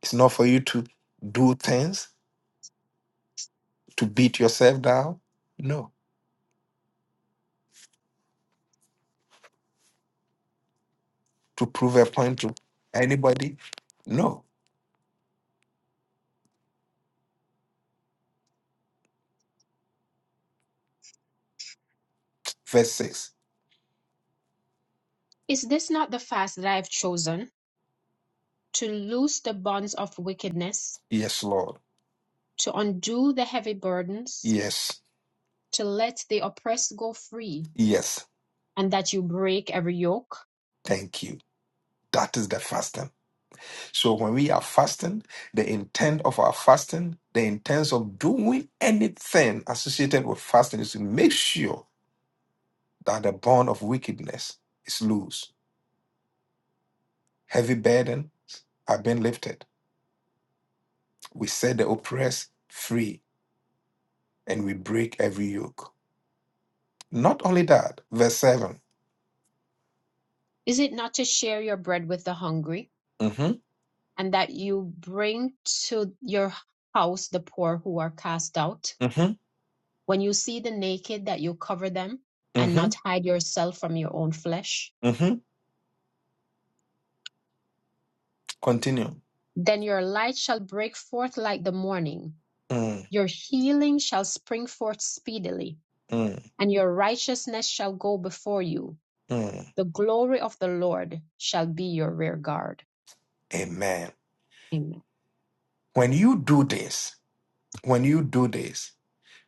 [SPEAKER 1] It's not for you to do things. to beat yourself down? No. To prove a point to anybody? No. Verse 6
[SPEAKER 2] Is this not the fast that I have chosen, to loose the bonds of wickedness,
[SPEAKER 1] Yes, Lord.
[SPEAKER 2] to undo the heavy burdens,
[SPEAKER 1] Yes.
[SPEAKER 2] to let the oppressed go free,
[SPEAKER 1] Yes.
[SPEAKER 2] and that you break every yoke?
[SPEAKER 1] Thank you. That is the fasting. So when we are fasting, the intent of our fasting, the intent of doing anything associated with fasting is to make sure that the bond of wickedness is loose. Heavy burden have been lifted. We set the oppressed free and we break every yoke. Not only that, verse 7.
[SPEAKER 2] Is it not to share your bread with the hungry?
[SPEAKER 1] Mm-hmm,
[SPEAKER 2] and that you bring to your house the poor who are cast out.
[SPEAKER 1] mm-hmm,
[SPEAKER 2] When you see the naked, that you cover them and not
[SPEAKER 1] mm-hmm,
[SPEAKER 2] hide yourself from your own flesh.
[SPEAKER 1] mm-hmm. Continue.
[SPEAKER 2] Then your light shall break forth like the morning.
[SPEAKER 1] Mm,
[SPEAKER 2] Your healing shall spring forth speedily,
[SPEAKER 1] mm,
[SPEAKER 2] and your righteousness shall go before you.
[SPEAKER 1] mm.
[SPEAKER 2] The glory of the Lord shall be your rear guard.
[SPEAKER 1] Amen.
[SPEAKER 2] Amen.
[SPEAKER 1] When you do this, when you do this,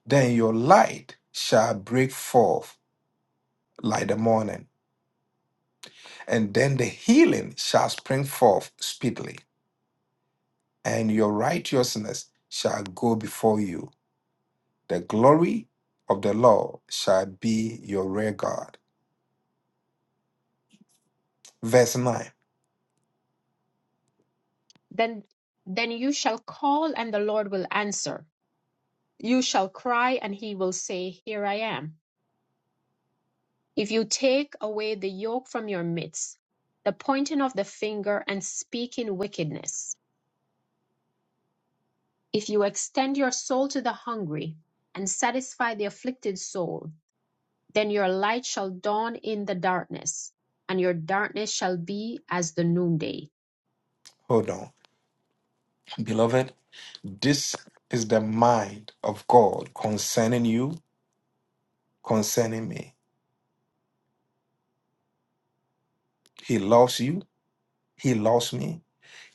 [SPEAKER 1] then your light shall break forth like the morning, and then the healing shall spring forth speedily, and your righteousness shall go before you. The glory of the Lord shall be your rear guard. Verse 9.
[SPEAKER 2] Then, then you shall call, and the Lord will answer. You shall cry, and he will say, Here I am. If you take away the yoke from your midst, the pointing of the finger and speaking wickedness, if you extend your soul to the hungry and satisfy the afflicted soul, then your light shall dawn in the darkness, and your darkness shall be as the noonday.
[SPEAKER 1] Hold on. Beloved, This is the mind of God concerning you, concerning me. He loves you. He loves me.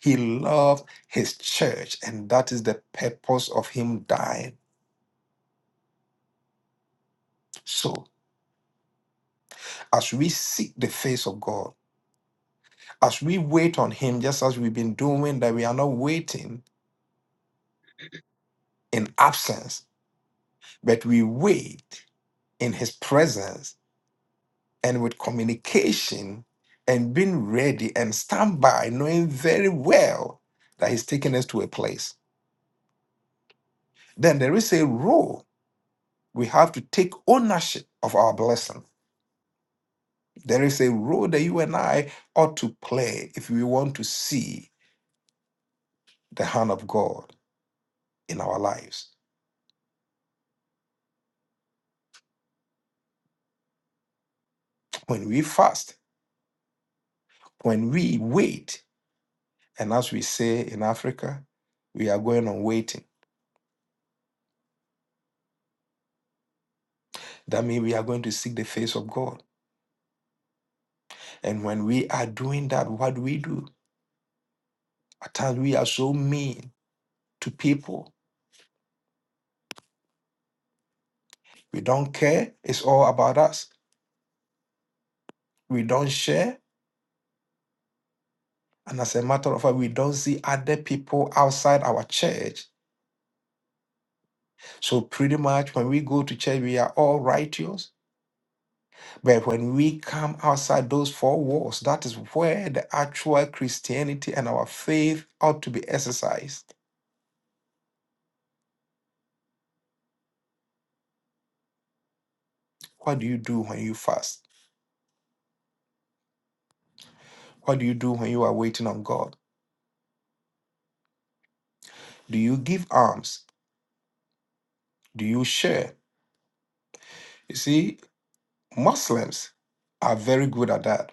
[SPEAKER 1] He loved his church, and that is the purpose of him dying. So, as we seek the face of God, as we wait on him, just as we've been doing, that we are not waiting in absence, but we wait in his presence and with communication and being ready and stand by, knowing very well that He's taking us to a place. Then there is a role we have to take ownership of our blessing. There is a role that you and I ought to play if we want to see the hand of God in our lives. When we fast, when we wait, and as we say in Africa, we are going on waiting. That means we are going to seek the face of God. And when we are doing that, what do we do? At times we are so mean to people. We don't care. It's all about us. We don't share. And as a matter of fact, we don't see other people outside our church. So pretty much when we go to church, we are all righteous. But when we come outside those four walls, that is where the actual Christianity and our faith ought to be exercised. What do you do when you fast? What do you do when you are waiting on God? Do you give alms? Do you share? You see, Muslims are very good at that.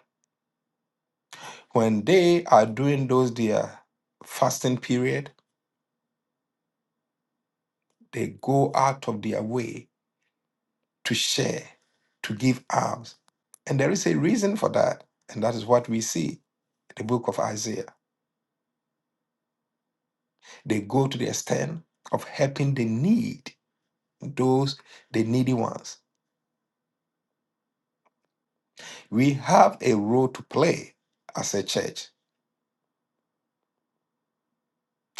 [SPEAKER 1] When they are doing those their fasting period, they go out of their way to share, to give alms. And there is a reason for that. And that is what we see in the book of Isaiah. They go to the extent of helping the need, those the needy ones. We have a role to play as a church.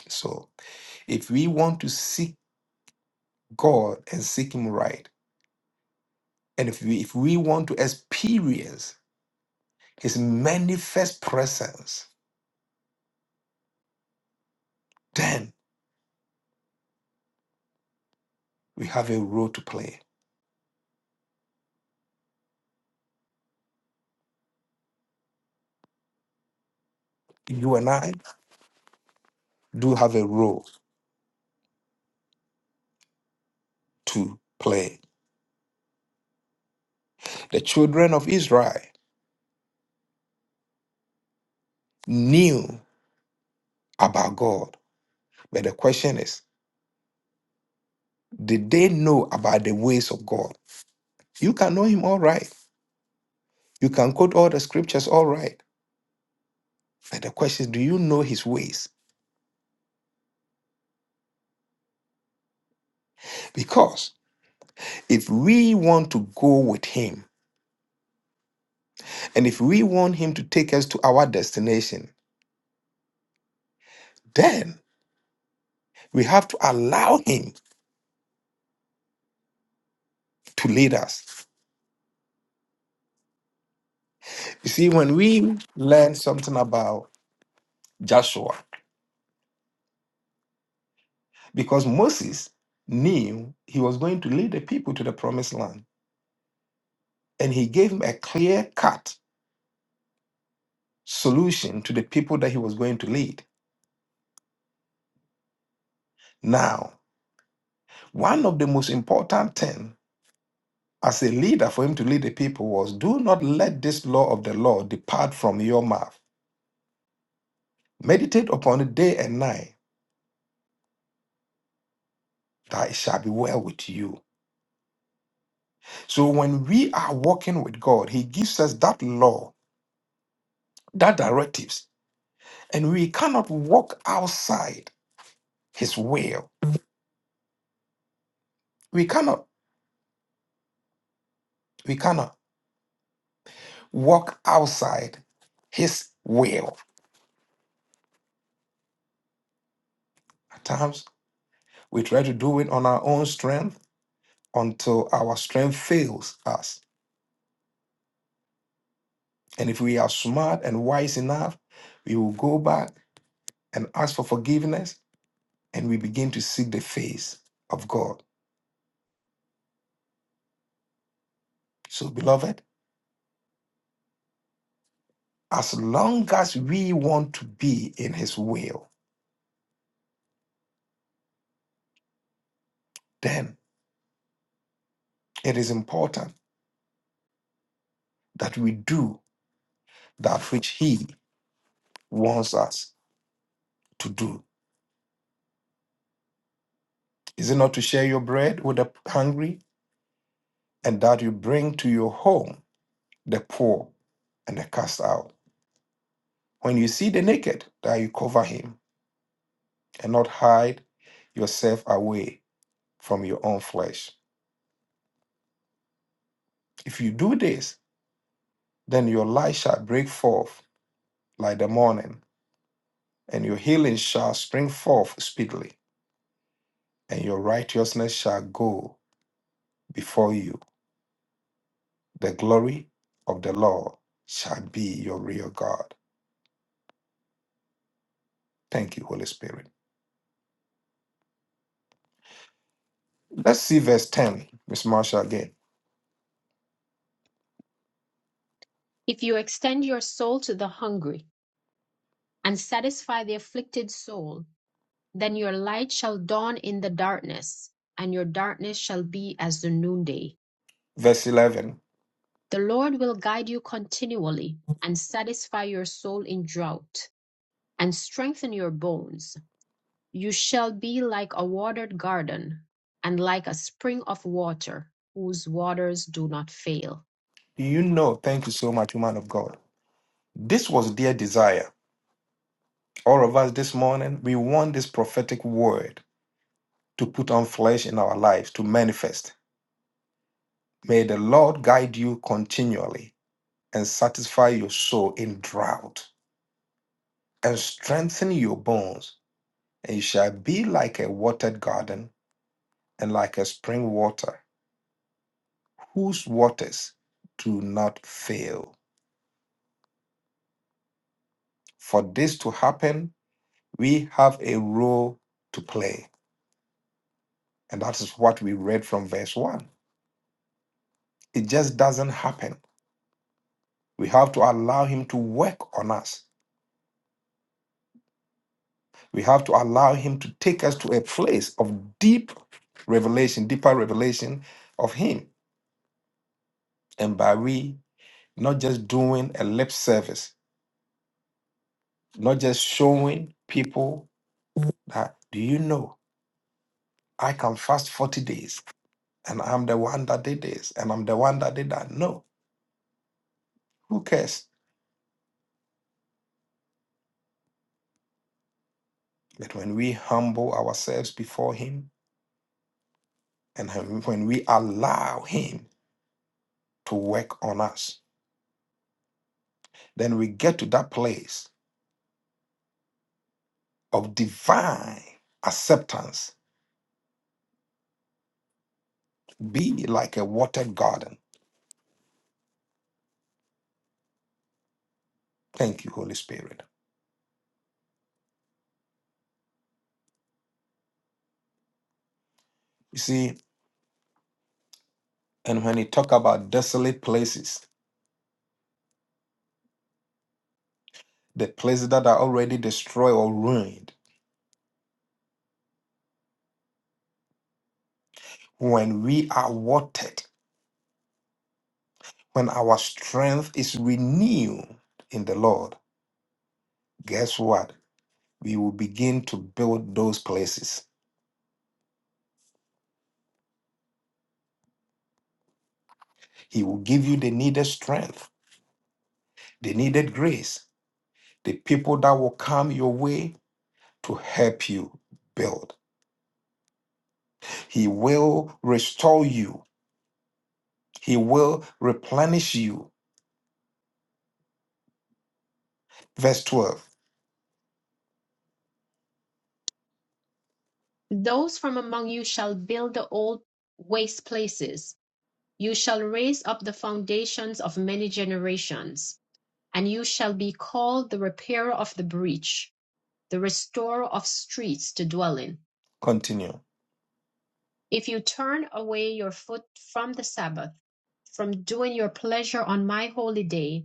[SPEAKER 1] So if we want to seek God and seek Him right, And if we, if we want to experience his manifest presence, then we have a role to play. You and I do have a role to play. The children of Israel knew about God, but the question is, did they know about the ways of God? You can know him all right. You can quote all the scriptures all right. But the question is, do you know his ways? Because if we want to go with him, and if we want him to take us to our destination, Then we have to allow him to lead us. You see, when we learn something about Joshua, because Moses knew he was going to lead the people to the promised land, and he gave him a clear cut solution to the people that he was going to lead. Now, one of the most important things as a leader for him to lead the people was do not let this law of the Lord depart from your mouth. Meditate upon it day and night, that it shall be well with you. So when we are walking with God, He gives us that law, that directives, and we cannot walk outside His will. We cannot, we cannot walk outside His will. At times, we try to do it on our own strength until our strength fails us. And if we are smart and wise enough, we will go back and ask for forgiveness and we begin to seek the face of God. So, beloved, As long as we want to be in His will, then it is important that we do that which He wants us to do. Is it not to share your bread with the hungry and that you bring to your home the poor and the cast out? When you see the naked, that you cover him and not hide yourself away from your own flesh. If you do this, then your light shall break forth like the morning, and your healing shall spring forth speedily. and your righteousness shall go before you. The glory of the Lord shall be your real God. Thank you, Holy Spirit. Let's see verse 10, Miss Marshall again.
[SPEAKER 2] If you extend your soul to the hungry and satisfy the afflicted soul, then your light shall dawn in the darkness, and your darkness shall be as the noonday
[SPEAKER 1] Verse 11.
[SPEAKER 2] The Lord will guide you continually and satisfy your soul in drought and strengthen your bones. You shall be like a watered garden and like a spring of water whose waters do not fail.
[SPEAKER 1] You know, thank you so much, man of God. This was their desire. All of us this morning, we want this prophetic word to put on flesh in our lives, to manifest. May the Lord guide you continually and satisfy your soul in drought and strengthen your bones It shall be like a watered garden and like a spring water, whose waters do not fail. For this to happen, we have a role to play. And that is what we read from verse 1. It just doesn't happen. We have to allow Him to work on us. We have to allow Him to take us to a place of deep revelation, deeper revelation of Him. And by we, not just doing a lip service, not just showing people that do you know I can fast 40 days and I'm the one that did this and I'm the one that did that? No, who cares? But when we humble ourselves before Him and hum- when we allow Him to work on us, then we get to that place of divine acceptance, be like a watered garden. Thank you, Holy Spirit. You see, and when you talk about desolate places, the places that are already destroyed or ruined, when we are watered When our strength is renewed in the Lord, guess what? We will begin to build those places. He will give you the needed strength, the needed grace, the people that will come your way to help you build. He will restore you, He will replenish you. Verse 12,
[SPEAKER 2] Those from among you shall build the old waste places. You shall raise up the foundations of many generations, and you shall be called the repairer of the breach, the restorer of streets to dwell in
[SPEAKER 1] continue.
[SPEAKER 2] If you turn away your foot from the Sabbath, from doing your pleasure on my holy day,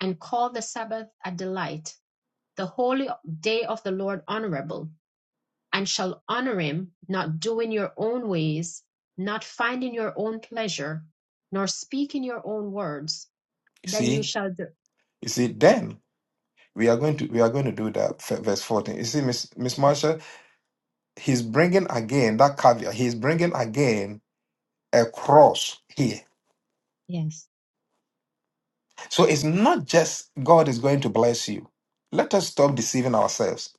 [SPEAKER 2] and call the Sabbath a delight, the holy day of the Lord honorable, and shall honor him, not doing your own ways, not finding your own pleasure, nor speaking your own words,
[SPEAKER 1] You
[SPEAKER 2] then you
[SPEAKER 1] see,
[SPEAKER 2] shall, de-
[SPEAKER 1] you see, then we are going to we are going to do that F- verse 14 you see miss miss marsha he's bringing again that caveat he's bringing again Across here.
[SPEAKER 2] yes,
[SPEAKER 1] So it's not just God is going to bless you. Let us stop deceiving ourselves.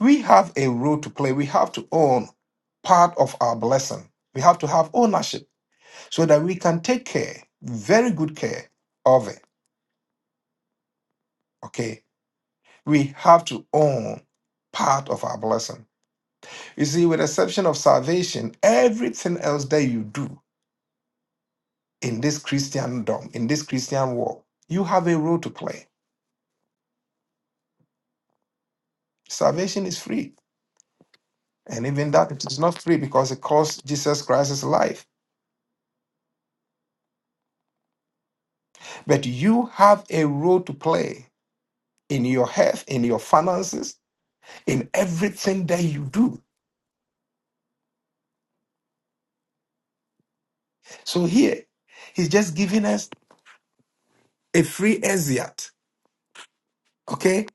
[SPEAKER 1] We have a role to play. We have to own part of our blessing. We have to have ownership so that we can take care, very good care of it. Okay. We have to own part of our blessing. You see, with the exception of salvation, everything else that you do in this Christendom, in this Christian world, you have a role to play. Salvation is free. And even that it is not free because it cost Jesus Christ's life. But you have a role to play in your health, in your finances, in everything that you do. So here, he's just giving us a free exit. Okay?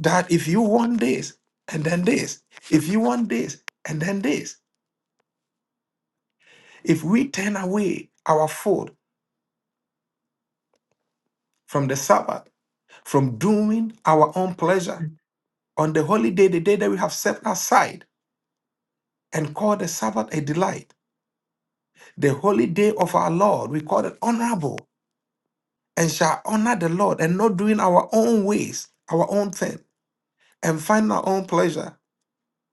[SPEAKER 1] That if you want this and then this, if you want this and then this, if we turn away our food from the Sabbath, from doing our own pleasure on the holy day, the day that we have set aside and call the Sabbath a delight the holy day of our Lord. We call it honorable and shall honor the Lord and not doing our own ways, our own thing, and find our own pleasure,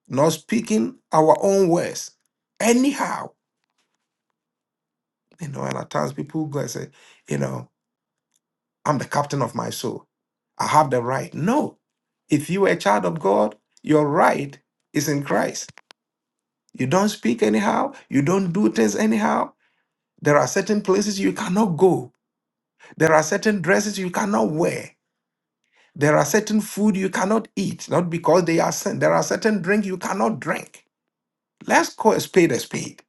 [SPEAKER 1] not speaking our own words. Anyhow, you know, and at times people go and say, you know, I'm the captain of my soul. I have the right. No. If you are a child of God, your right is in Christ. You don't speak anyhow. You don't do things anyhow. There are certain places you cannot go. There are certain dresses you cannot wear. There are certain food you cannot eat, not because they are sin. There are certain drink you cannot drink. Let's call a spade a spade.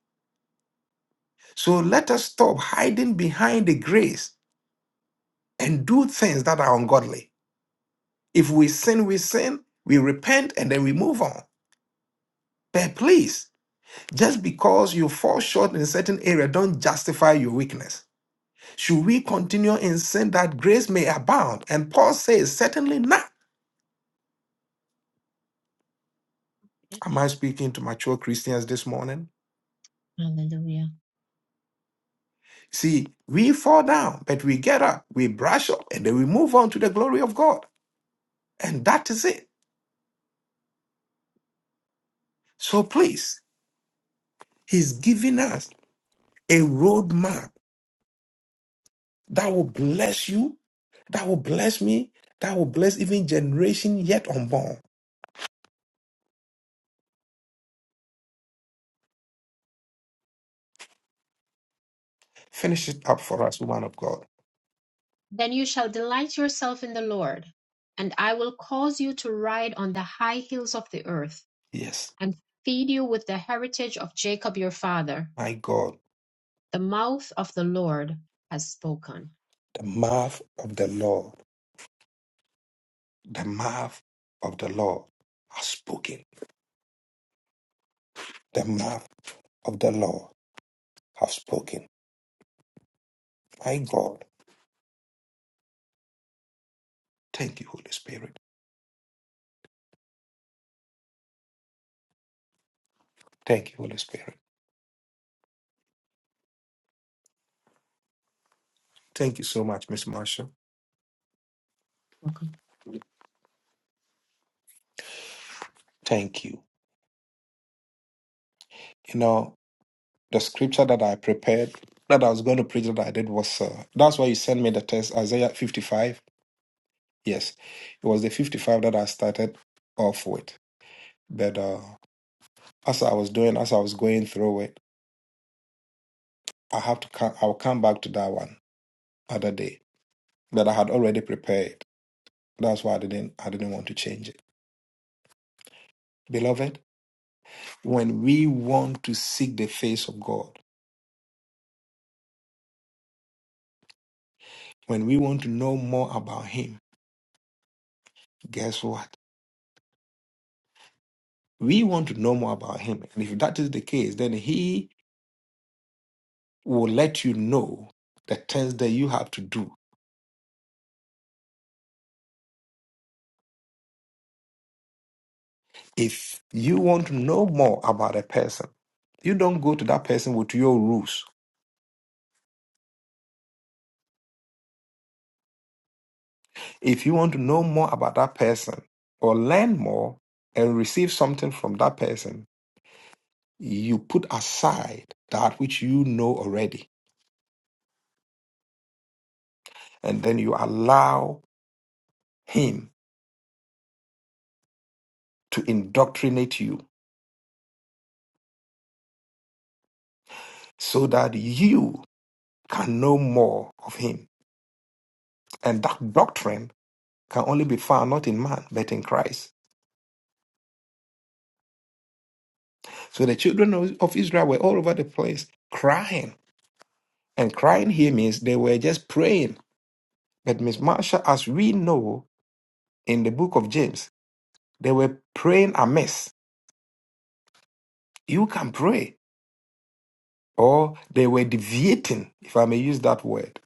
[SPEAKER 1] So let us stop hiding behind the grace and do things that are ungodly. If we sin, we sin, we repent, and then we move on. But please, just because you fall short in a certain area, don't justify your weakness. Should we continue in sin that grace may abound? And Paul says, certainly not.
[SPEAKER 2] Okay.
[SPEAKER 1] Am I speaking to mature Christians this morning?
[SPEAKER 2] hallelujah.
[SPEAKER 1] See, we fall down, but we get up, we brush up, and then we move on to the glory of God. And that is it. So please, He's giving us a roadmap that will bless you, that will bless me, that will bless even generation yet unborn. Finish it up for us, woman of God.
[SPEAKER 2] Then you shall delight yourself in the Lord, and I will cause you to ride on the high hills of the earth
[SPEAKER 1] Yes,
[SPEAKER 2] and feed you with the heritage of Jacob your father.
[SPEAKER 1] my God,
[SPEAKER 2] The mouth of the Lord has spoken.
[SPEAKER 1] the mouth of the Lord, the mouth of the Lord has spoken. The mouth of the Lord has spoken. My God, thank you, Holy Spirit. Thank you, Holy Spirit. Thank you so much, Miss Marshall.
[SPEAKER 2] Welcome.
[SPEAKER 1] Thank you. You know, the scripture that I prepared, that I was going to preach, that I did was uh, that's why you sent me the test, Isaiah 55. Yes, it was the 55 that I started off with. But uh, as I was doing, as I was going through it, I have to, co- I'll come back to that one other day. But I had already prepared. That's why I didn't, I didn't want to change it. Beloved, when we want to seek the face of God, when we want to know more about Him, guess what? We want to know more about him. And if that is the case, then he will let you know the things that you have to do. If you want to know more about a person, you don't go to that person with your rules. If you want to know more about that person or learn more and receive something from that person, you put aside that which you know already. And then you allow him to indoctrinate you so that you can know more of him And that doctrine can only be found not in man, but in Christ. So the children of of Israel were all over the place crying. And crying here means they were just praying. But Miss Marsha, as we know in the book of James, they were praying amiss. You can pray. Or they were deviating, if I may use that word.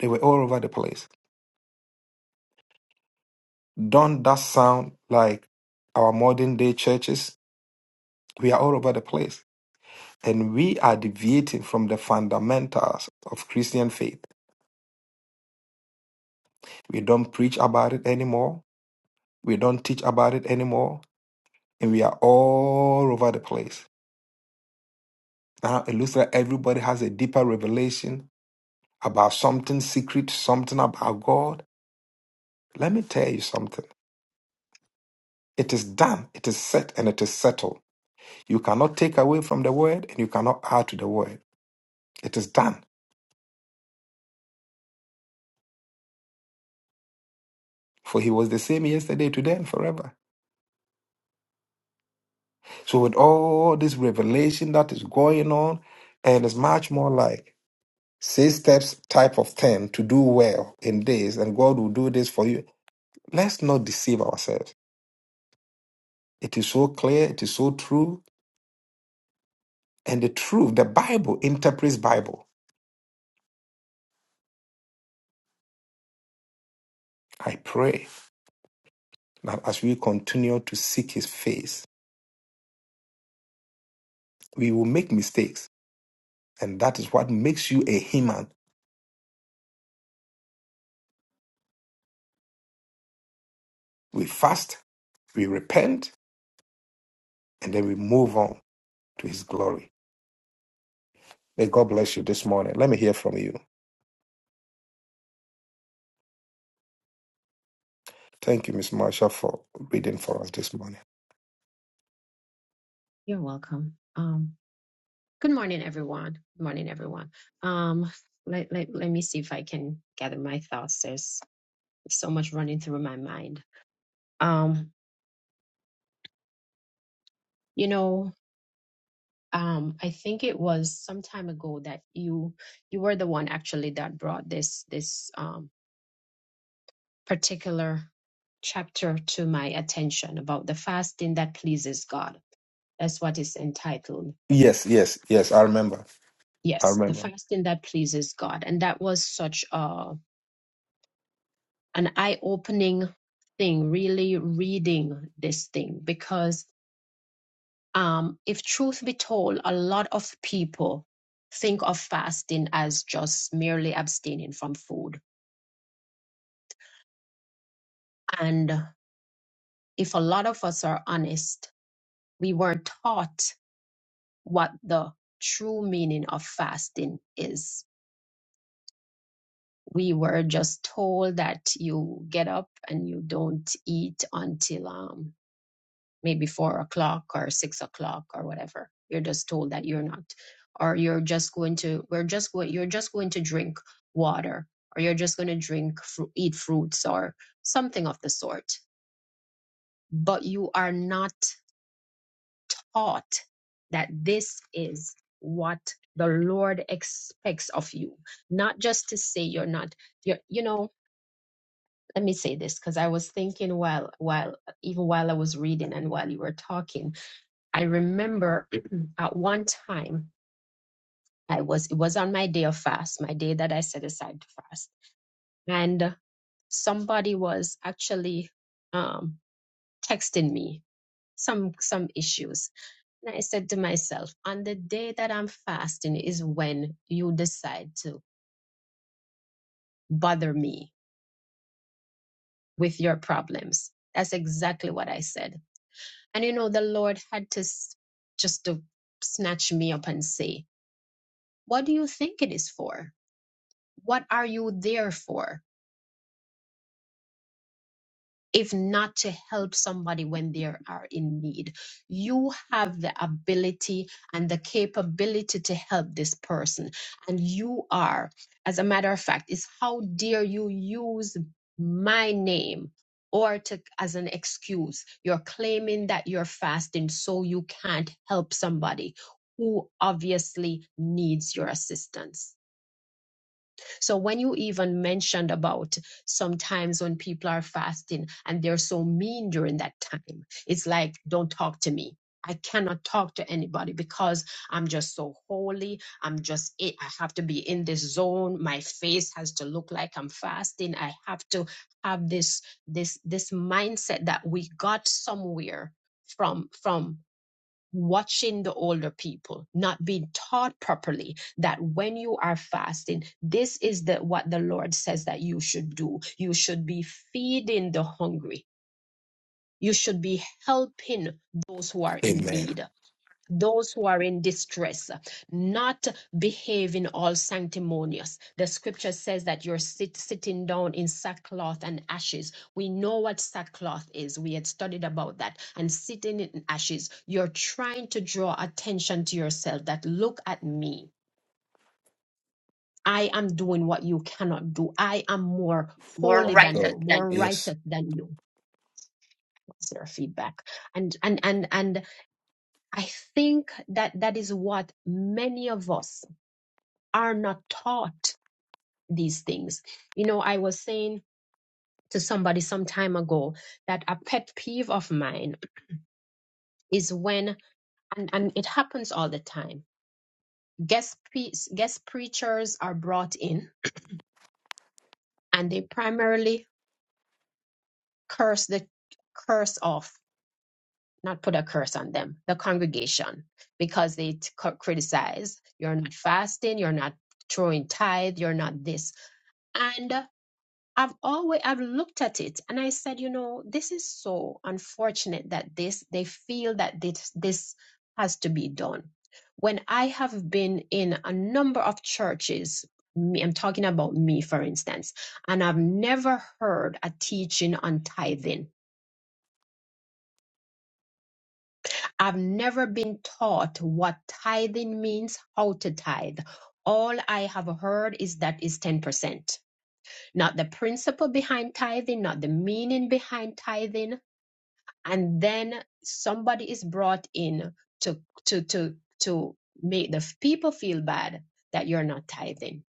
[SPEAKER 1] They were all over the place. Don't that sound like our modern day churches? We are all over the place and we are deviating from the fundamentals of Christian faith. We don't preach about it anymore. We don't teach about it anymore. And we are all over the place. Now it looks like everybody has a deeper revelation about something secret, something about God. Let me tell you something. It is done, it is set, and it is settled. You cannot take away from the word, and you cannot add to the word. It is done. For he was the same yesterday, today, and forever. So with all this revelation that is going on, and it's much more like six steps type of thing to do well in this, and God will do this for you. Let's not deceive ourselves. It is so clear, it is so true, and the truth, the Bible interprets Bible. I pray that as we continue to seek his face, we will make mistakes. And that is what makes you a human. We fast, we repent, and then we move on to his glory. May God bless you this morning. Let me hear from you. Thank you, Miss Marsha, for reading for us this morning.
[SPEAKER 2] You're welcome. Um, good morning, everyone. Good morning, everyone. Um, let, let, let me see if I can gather my thoughts. There's so much running through my mind. Um, you know, um, I think it was some time ago that you you were the one actually that brought this this um particular chapter to my attention about the fasting that pleases God. That's what is entitled.
[SPEAKER 1] Yes, yes, yes. I remember. I
[SPEAKER 2] Yes, the
[SPEAKER 1] remember.
[SPEAKER 2] fasting that pleases God. And that was such a, an eye opening thing, really reading this thing, because um, if truth be told, a lot of people think of fasting as just merely abstaining from food. And if a lot of us are honest, we weren't taught what the true meaning of fasting is. We were just told that you get up and you don't eat until um, maybe four o'clock or six o'clock or whatever. You're just told that you're not, or you're just going to, we're just going, you're just going to drink water, or you're just going to drink, fru- eat fruits or something of the sort. But you are not thought that this is what the Lord expects of you. Not just to say you're not, you're, you know, let me say this because I was thinking while, while, even while I was reading and while you were talking, I remember at one time I was, it was on my day of fast, my day that I set aside to fast. And somebody was actually um, texting me some some issues And I said to myself, on the day that I'm fasting is when you decide to bother me with your problems. That's exactly what I said. And you know, the Lord had to s- just to snatch me up and say, What do you think it is for? What are you there for? if not to help somebody when they are in need. You have the ability and the capability to help this person. And you are, as a matter of fact, is how dare you use my name or to as an excuse you're claiming that you're fasting so you can't help somebody who obviously needs your assistance so when you even mentioned about sometimes when people are fasting and they're so mean during that time, it's like, don't talk to me. I cannot talk to anybody because I'm just so holy. I'm just, I I have to be in this zone. My face has to look like I'm fasting. I have to have this, this, this mindset that we got somewhere from, from watching the older people not being taught properly that when you are fasting this is the what the lord says that you should do you should be feeding the hungry you should be helping those who are in
[SPEAKER 1] Amen.
[SPEAKER 2] need those who are in distress, not behaving all sanctimonious. The scripture says that you're sit, sitting down in sackcloth and ashes. We know what sackcloth is. We had studied about that. And sitting in ashes, you're trying to draw attention to yourself that look at me. I am doing what you cannot do. I am more
[SPEAKER 1] My
[SPEAKER 2] holy than
[SPEAKER 1] God.
[SPEAKER 2] you, more
[SPEAKER 1] you. Yes.
[SPEAKER 2] righteous than you. What's their feedback? And and and and I think that that is what many of us are not taught these things. You know, I was saying to somebody some time ago that a pet peeve of mine is when, and, and it happens all the time, guest, pre- guest preachers are brought in and they primarily curse the curse off, not put a curse on them, the congregation, because they t- c- criticize, you're not fasting, you're not throwing tithe, you're not this. and. I've always I've looked at it and I said, you know, this is so unfortunate that this they feel that this this has to be done. When I have been in a number of churches, me, I'm talking about me for instance, and I've never heard a teaching on tithing. I've never been taught what tithing means, how to tithe. All I have heard is that is 10%. Not the principle behind tithing, not the meaning behind tithing and then somebody is brought in to to to to make the f- people feel bad that you're not tithing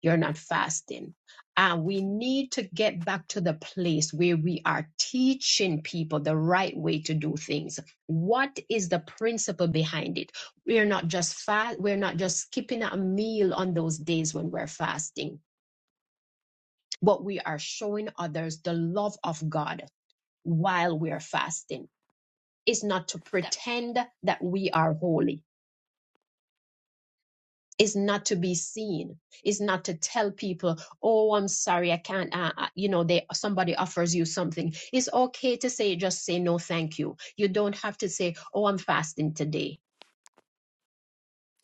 [SPEAKER 2] you're not fasting and we need to get back to the place where we are teaching people the right way to do things what is the principle behind it we're not just fast we're not just skipping a meal on those days when we're fasting but we are showing others the love of god while we're fasting is not to pretend that we are holy is not to be seen is not to tell people oh i'm sorry i can't uh, uh," you know they somebody offers you something it's okay to say just say no thank you you don't have to say oh i'm fasting today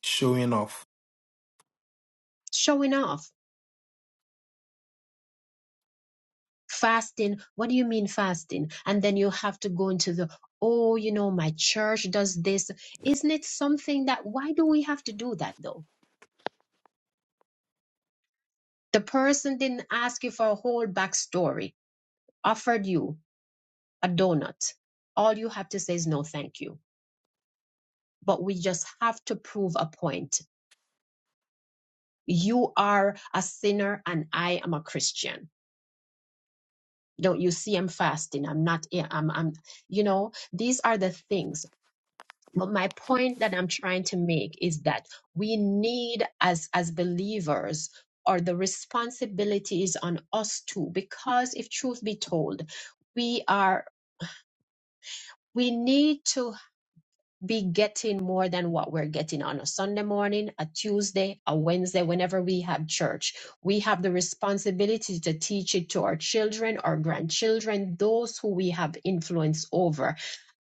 [SPEAKER 1] Showing off.
[SPEAKER 2] showing off fasting what do you mean fasting and then you have to go into the oh you know my church does this isn't it something that why do we have to do that though the person didn't ask you for a whole backstory offered you a donut. All you have to say is no, thank you. But we just have to prove a point. You are a sinner and I am a Christian. Don't you see I'm fasting? I'm not, yeah, I'm, I'm, you know, these are the things. But my point that I'm trying to make is that we need as, as believers or the responsibility is on us too, because if truth be told, we are, we need to be getting more than what we're getting on a Sunday morning, a Tuesday, a Wednesday, whenever we have church. We have the responsibility to teach it to our children, our grandchildren, those who we have influence over.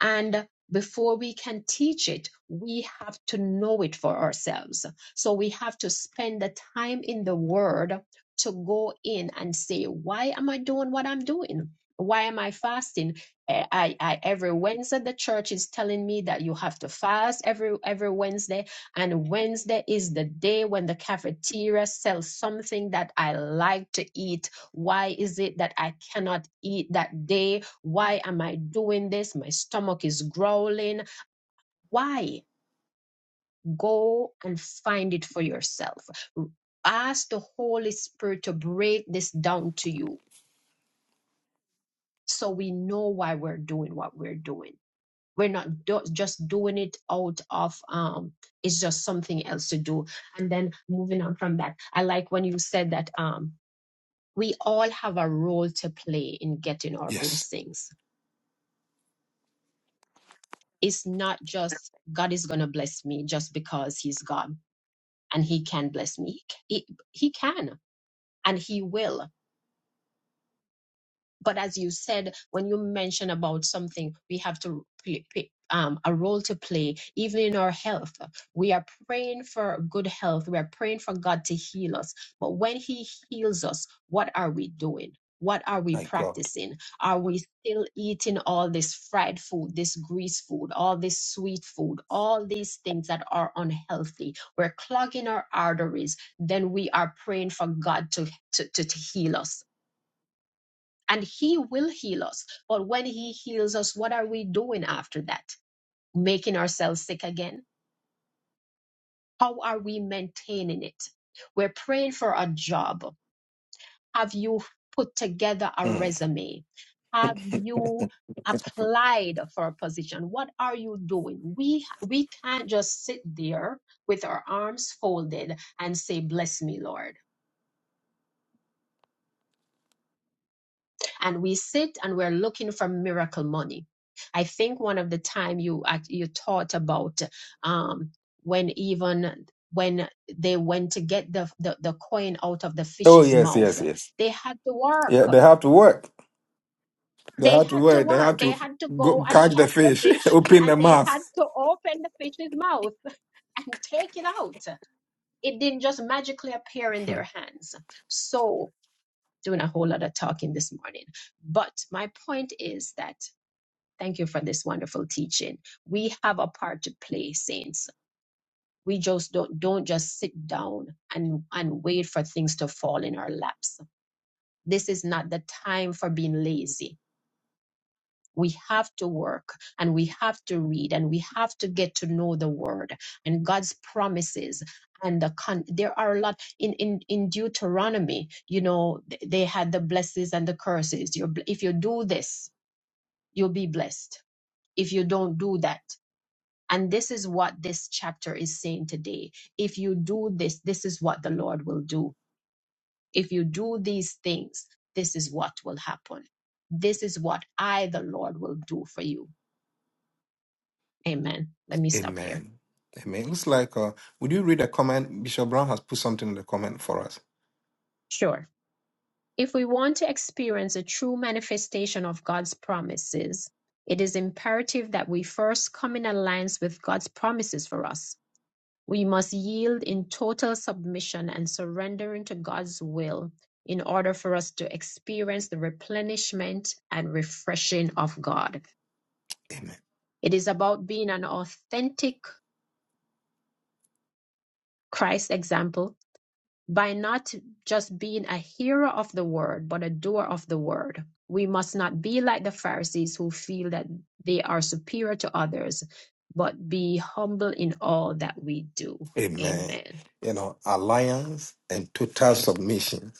[SPEAKER 2] And before we can teach it, we have to know it for ourselves. So we have to spend the time in the Word to go in and say, why am I doing what I'm doing? Why am I fasting? Eh, I, I every Wednesday the church is telling me that you have to fast every every Wednesday, and Wednesday is the day when the cafeteria sells something that I like to eat why is it that I cannot eat that day? Why am I doing this? My stomach is growling. Why? Go and find it for yourself. Ask the Holy Spirit to break this down to you so we know why we're doing what we're doing. We're not do- just doing it out of, um, it's just something else to do. And then moving on from that, I like when you said that um, we all have a role to play in getting our
[SPEAKER 1] Yes.
[SPEAKER 2] blessings It's not just God is going to bless me just because he's God and he can bless me. He, he can and he will but as you said when you mention about something we have to play, play- um, a role to play even in our health we are praying for good health we are praying for god to heal us but when he heals us what are we doing what are we
[SPEAKER 1] My God.
[SPEAKER 2] practicing are we still eating all this fried food this grease food all this sweet food all these things that are unhealthy we're clogging our arteries then we are praying for god to to, to, to heal us and he will heal us. But when he heals us, what are we doing after that? Making ourselves sick again? How are we maintaining it? We're praying for a job. Have you put together a
[SPEAKER 1] Mm.
[SPEAKER 2] resume? Have you applied for a position? What are you doing? We we can't just sit there with our arms folded and say, "Bless me, Lord." and we sit and we're looking for miracle money. I think one of the time you you taught about um, when even when they went to get the, the the coin out of the
[SPEAKER 1] Oh
[SPEAKER 2] fish's
[SPEAKER 1] yes,
[SPEAKER 2] mouth,
[SPEAKER 1] yes, yes.
[SPEAKER 2] they had to
[SPEAKER 1] Yeah, they
[SPEAKER 2] work.
[SPEAKER 1] have to work. They
[SPEAKER 2] They
[SPEAKER 1] have to
[SPEAKER 2] had to
[SPEAKER 1] work. They have
[SPEAKER 2] work. They
[SPEAKER 1] to
[SPEAKER 2] had to go
[SPEAKER 1] go
[SPEAKER 2] and
[SPEAKER 1] catch the
[SPEAKER 2] catch the
[SPEAKER 1] fish,
[SPEAKER 2] fish,
[SPEAKER 1] open
[SPEAKER 2] and
[SPEAKER 1] the
[SPEAKER 2] they
[SPEAKER 1] mouth.
[SPEAKER 2] had to open the fish's mouth and take it out. It didn't just magically appear in
[SPEAKER 1] Hmm.
[SPEAKER 2] their hands. So, doing a whole lot of talking this morning. But my point is that Thank you for this wonderful teaching. We have a part to play, saints. We just don't don't just sit down and and wait for things to fall in our laps. This is not the time for being lazy. We have to work and we have to read and we have to get to know the word and God's promises and the con- there are a lot in, in in Deuteronomy, you know, th- they had the blessings and the curses. You're, bl- if you do this, you'll be blessed. If you don't do that, And this is what this chapter is saying today. If you do this, this is what the Lord will do. If you do these things, this is what will happen. This is what I, the Lord, will do for you. Amen. Let me stop here.
[SPEAKER 1] Amen. Amen. Looks like. Uh, would you read a comment? Bishop Brown has put something in the comment for us.
[SPEAKER 2] Sure. If we want to experience a true manifestation of God's promises, it is imperative that we first come in alliance with God's promises for us. We must yield in total submission and surrendering to God's will in order for us to experience the replenishment and refreshing of God.
[SPEAKER 1] Amen.
[SPEAKER 2] It is about being an authentic Christ example by not just being a hearer of the word, but a doer of the word. We must not be like the Pharisees who feel that they are superior to others, but be humble in all that we do.
[SPEAKER 1] Amen.
[SPEAKER 2] Amen.
[SPEAKER 1] You know, alliance and total submission.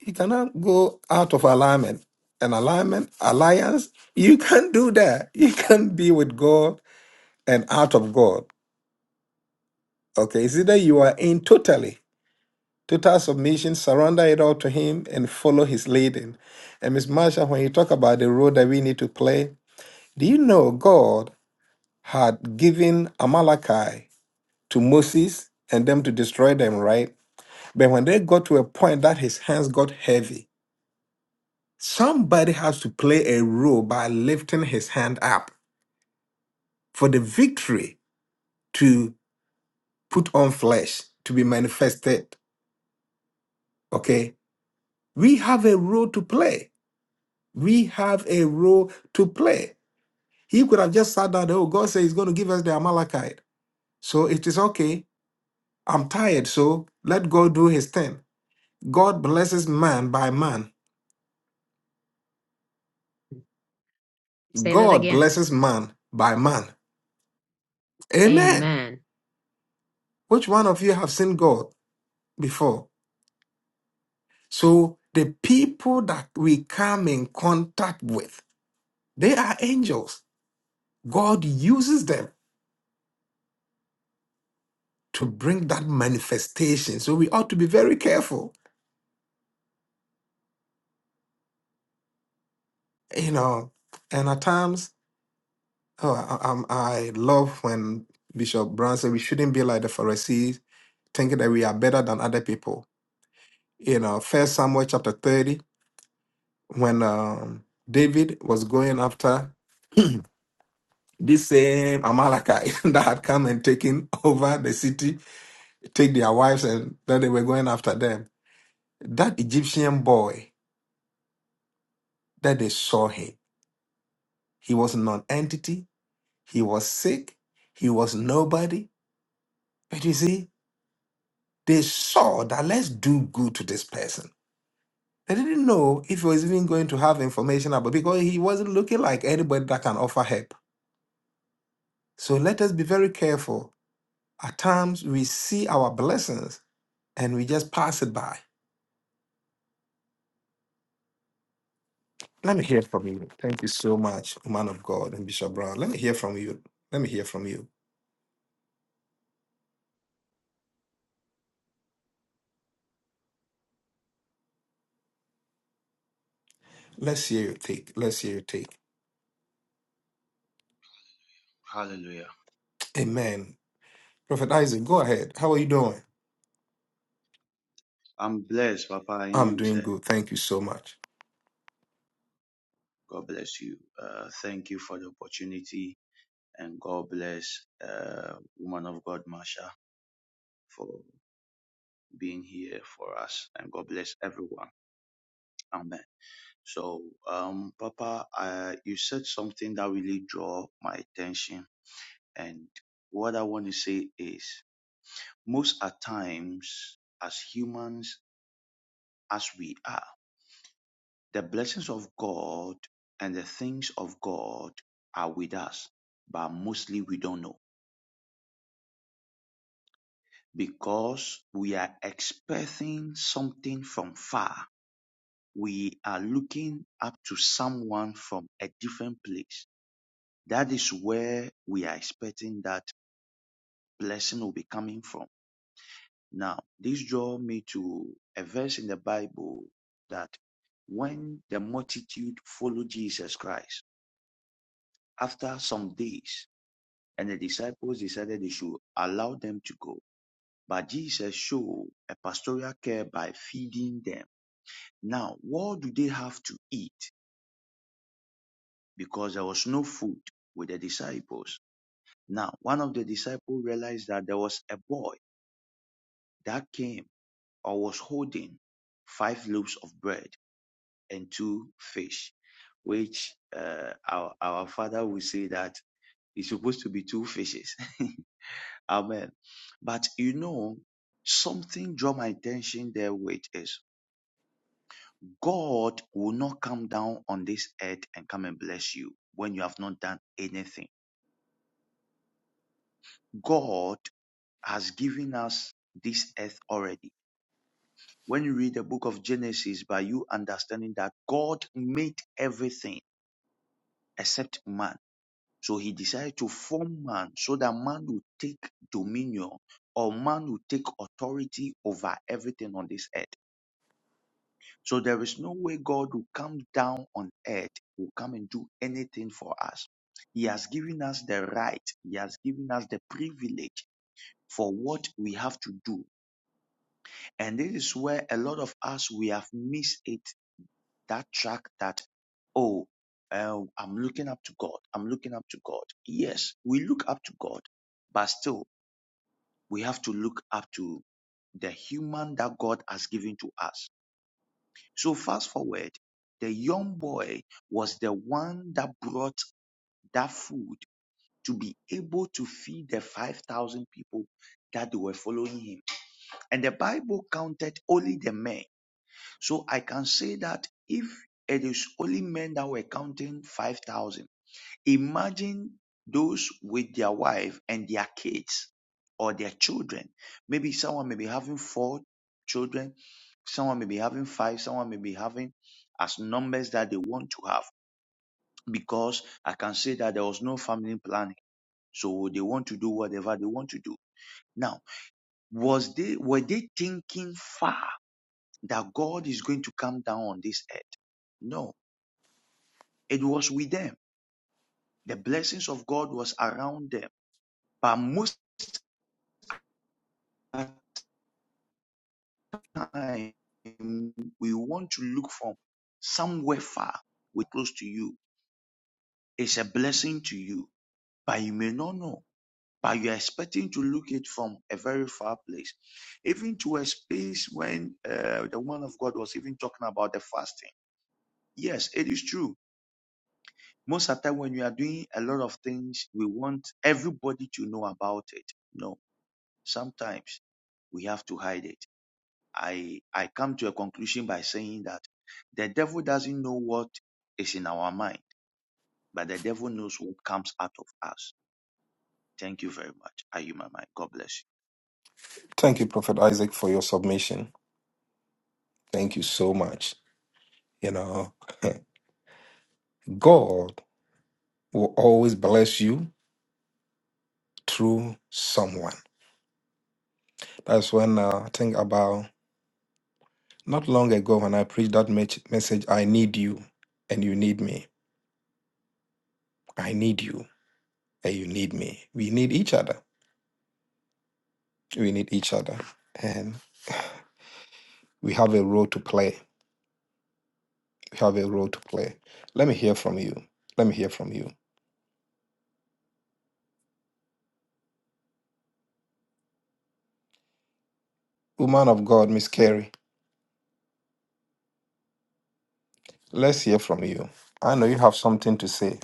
[SPEAKER 1] You cannot go out of alignment. An alignment, alliance, you can't do that. You can't be with God and out of God. Okay, it's either you are in totally, total submission, surrender it all to Him and follow His leading. And Miss Marsha, when you talk about the role that we need to play, do you know God had given Amalekite to Moses and them to destroy them, right? But when they got to a point that his hands got heavy, Somebody has to play a role by lifting his hand up for the victory to put on flesh, to be manifested. Okay? We have a role to play. We have a role to play. He could have just sat down, oh, God says he's going to give us the Amalekite. So it is okay. I'm tired, so let God do his thing. God blesses man by man.
[SPEAKER 2] Say that
[SPEAKER 1] God
[SPEAKER 2] again.
[SPEAKER 1] blesses man by man. Amen.
[SPEAKER 2] Amen.
[SPEAKER 1] Which one of you have seen God before? So the people that we come in contact with, they are angels. God uses them to bring that manifestation. So we ought to be very careful, you know. And at times, oh, I, I'm- I love when Bishop Brown said we shouldn't be like the Pharisees, thinking that we are better than other people. You know, First Samuel chapter thirty, when um, David was going after this same Amalekite that had come and taken over the city take their wives and that they were going after them. That Egyptian boy that they saw him, he was non-entity, he was sick, he was nobody. But you see, they saw that let's do good to this person. They didn't know if he was even going to have information about because he wasn't looking like anybody that can offer help. So let us be very careful. At times we see our blessings and we just pass it by Let me hear from you. Thank you so much, man of God and Bishop Brown. Let me hear from you. Let me hear from you. Let's hear your take. Let's hear your take.
[SPEAKER 5] Hallelujah.
[SPEAKER 1] Amen. Prophet Isaac, go ahead. How are you doing?
[SPEAKER 5] I'm blessed, Papa, and
[SPEAKER 1] I'm
[SPEAKER 5] you,
[SPEAKER 1] doing
[SPEAKER 5] sir.
[SPEAKER 1] good. Thank you so much.
[SPEAKER 5] God bless you. Uh, thank you for the opportunity, and God bless uh, woman of God, Marsha, for being here for us, and God bless everyone. Amen. So, um, Papa, uh, you said something that really draw my attention, and what I want to say is, most at times, as humans as we are. The blessings of God and the things of God are with us, but mostly we don't know because we are expecting something from far. We are looking up to someone from a different place. That is where we are expecting that blessing will be coming from. Now, this draw me to a verse in the Bible that when the multitude followed Jesus Christ, after some days, And the disciples decided they should allow them to go. But Jesus showed a pastoral care by feeding them. Now, what do they have to eat? Because there was no food with the disciples. Now, one of the disciples realized that there was a boy that came or was holding five loaves of bread and two fish, which uh, our, our father would say that it's supposed to be two fishes. Amen. But you know, something draw my attention there, which is God will not come down on this earth and come and bless you when you have not done anything. God has given us this earth already. When you read the book of Genesis, by you understanding that God made everything except man. So he decided to form man so that man would take dominion or man would take authority over everything on this earth. So there is no way God will come down on earth, will come and do anything for us. He has given us the right, He has given us the privilege for what we have to do. And this is where a lot of us, we have missed it, that track that, oh, uh, I'm looking up to God. I'm looking up to God. Yes, we look up to God, but still, we have to look up to the human that God has given to us So fast forward, the young boy was the one that brought that food to be able to feed the 5,000 people that they were following him. And the Bible counted only the men. So I can say that if it is only men that were counting 5,000, Imagine those with their wife and their kids or their children. Maybe someone may be having four children, someone may be having five, someone may be having as numbers that they want to have because I can say that there was no family planning. So they want to do whatever they want to do. Now, was they were they thinking far that God is going to come down on this earth? No, it was with them. The blessings of God was around them. But most of time we want to look from somewhere far, we're close to you. It's a blessing to you, but you may not know. But you're expecting to look it from a very far place, even to a space when uh, the woman of God was even talking about the fasting. Yes, it is true. Most of the time, when you are doing a lot of things, we want everybody to know about it. No, sometimes we have to hide it I I come to a conclusion by saying that the devil doesn't know what is in our mind, but the devil knows what comes out of us. Thank you very much. Are you my mind? God bless
[SPEAKER 1] Thank you, Prophet Isaac, for your submission. Thank you so much. You know, God will always bless you through someone. That's when uh, I think about not long ago when I preached that mech- message, I need you and you need me. I need you. and you need me. We need each other. We need each other. And we have a role to play. We have a role to play. Let me hear from you. Let me hear from you. Woman of God, Miss Carey, let's hear from you. I know you have something to say.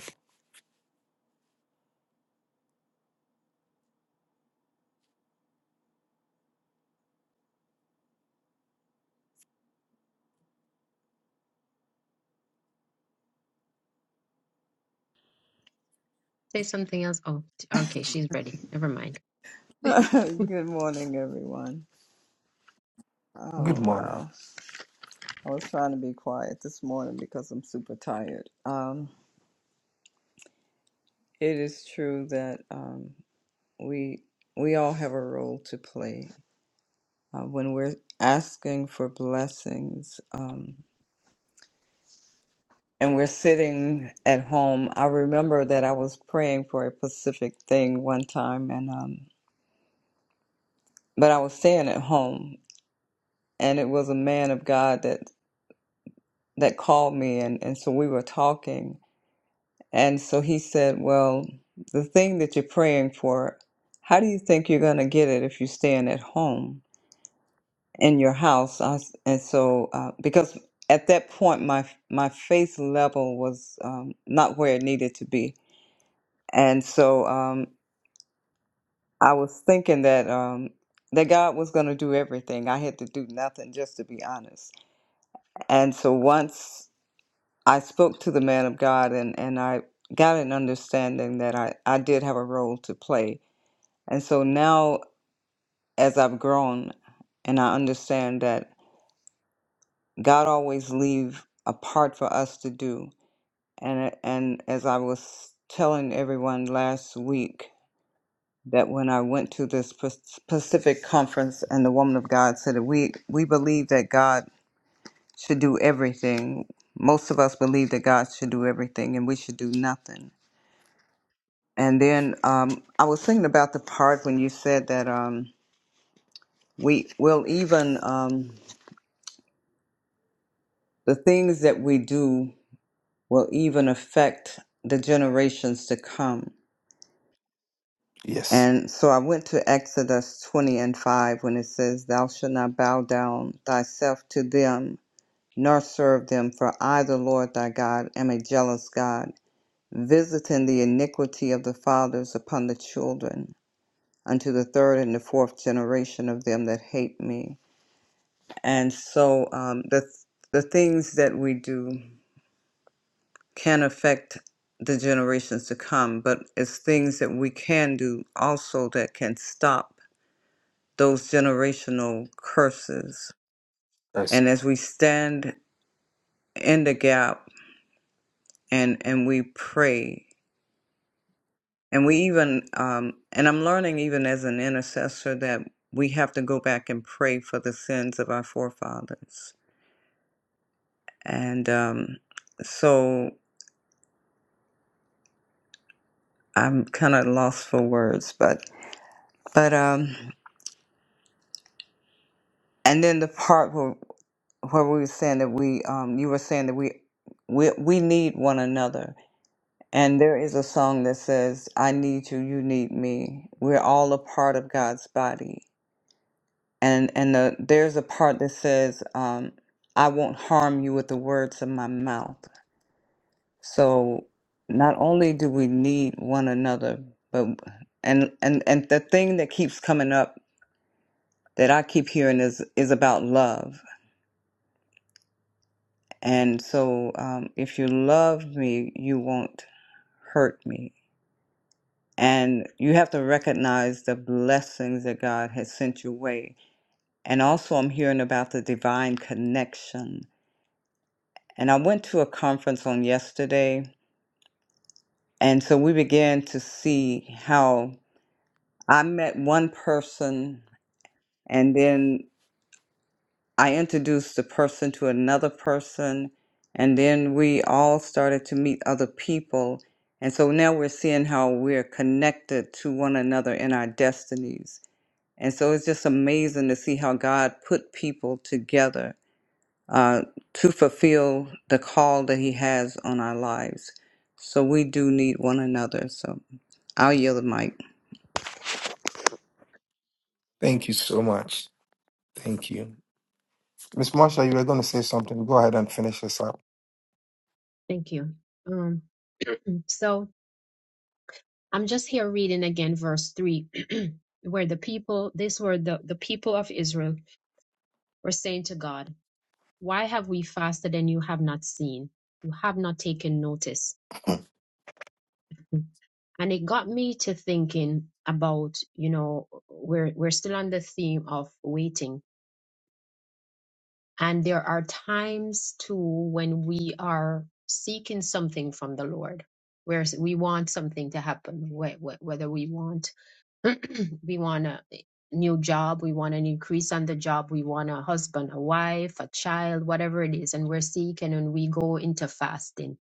[SPEAKER 2] Say something else. Oh, t- okay, she's ready. Never mind.
[SPEAKER 6] Good morning, everyone. Oh,
[SPEAKER 1] Good morning.
[SPEAKER 6] wow. I was trying to be quiet this morning because I'm super tired. Um, it is true that um, we we all have a role to play uh, when we're asking for blessings um, and we're sitting at home. I remember that I was praying for a specific thing one time, and um, but I was staying at home, and it was a man of God that that called me, and, and so we were talking And so he said, Well, the thing that you're praying for, how do you think you're going to get it if you're staying at home in your house? I s and so, uh, because at that point, my, my faith level was um, not where it needed to be. And so um, I was thinking that, um, that God was going to do everything. I had to do nothing, just to be honest. And so once I spoke to the man of God and, and I got an understanding that I, I did have a role to play And so now, as I've grown and I understand that God always leave a part for us to do. And, and as I was telling everyone last week, that when I went to this pa- Pacific conference and the woman of God said that we, we believe that God should do everything. Most of us believe that God should do everything and we should do nothing. And then um, I was thinking about the part when you said that um, we will even. Um, The things that we do will even affect the generations to come.
[SPEAKER 1] Yes.
[SPEAKER 6] And so I went to Exodus 20 and 5 when it says, Thou shalt not bow down thyself to them, nor serve them, for I, the Lord thy God, am a jealous God, visiting the iniquity of the fathers upon the children, unto the third and the fourth generation of them that hate me. And so um, the, the things that we do can affect the generations to come, but it's things that we can do also that can stop those generational curses.
[SPEAKER 1] Yes.
[SPEAKER 6] And as we stand in the gap and, and we pray, and we even, um, and I'm learning even as an intercessor that we have to go back and pray for the sins of our forefathers. And um, so I'm kind of lost for words, but, but, um, And then the part where where we were saying that we um you were saying that we we we need one another. And there is a song that says, I need you, you need me. We're all a part of God's body. And and the, there's a part that says, um, I won't harm you with the words of my mouth. So not only do we need one another, but and and and the thing that keeps coming up that I keep hearing is is about love And so, um, if you love me, you won't hurt me. And you have to recognize the blessings that God has sent your way. And also, I'm hearing about the divine connection. And I went to a conference on yesterday. And so we began to see how I met one person, and then I introduced the person to another person, and then we all started to meet other people. And so now we're seeing how we're connected to one another in our destinies. And so it's just amazing to see how God put people together uh, to fulfill the call that He has on our lives. So we do need one another. So I'll yield the mic.
[SPEAKER 1] Thank you so much. Thank you. Miss Marsha, you were going to say something. Go ahead and finish this up.
[SPEAKER 2] Thank you. Um, so I'm just here reading again verse 3, where the people, this were the, the people of Israel, were saying to God, Why have we fasted and you have not seen? You have not taken notice. And it got me to thinking about, you know, we're, we're still on the theme of waiting. And there are times too when we are seeking something from the Lord, where we want something to happen, wh- wh- whether we want We want a new job. We want an increase on the job. We want a husband, a wife, a child, whatever it is. And we're seeking and we go into fasting.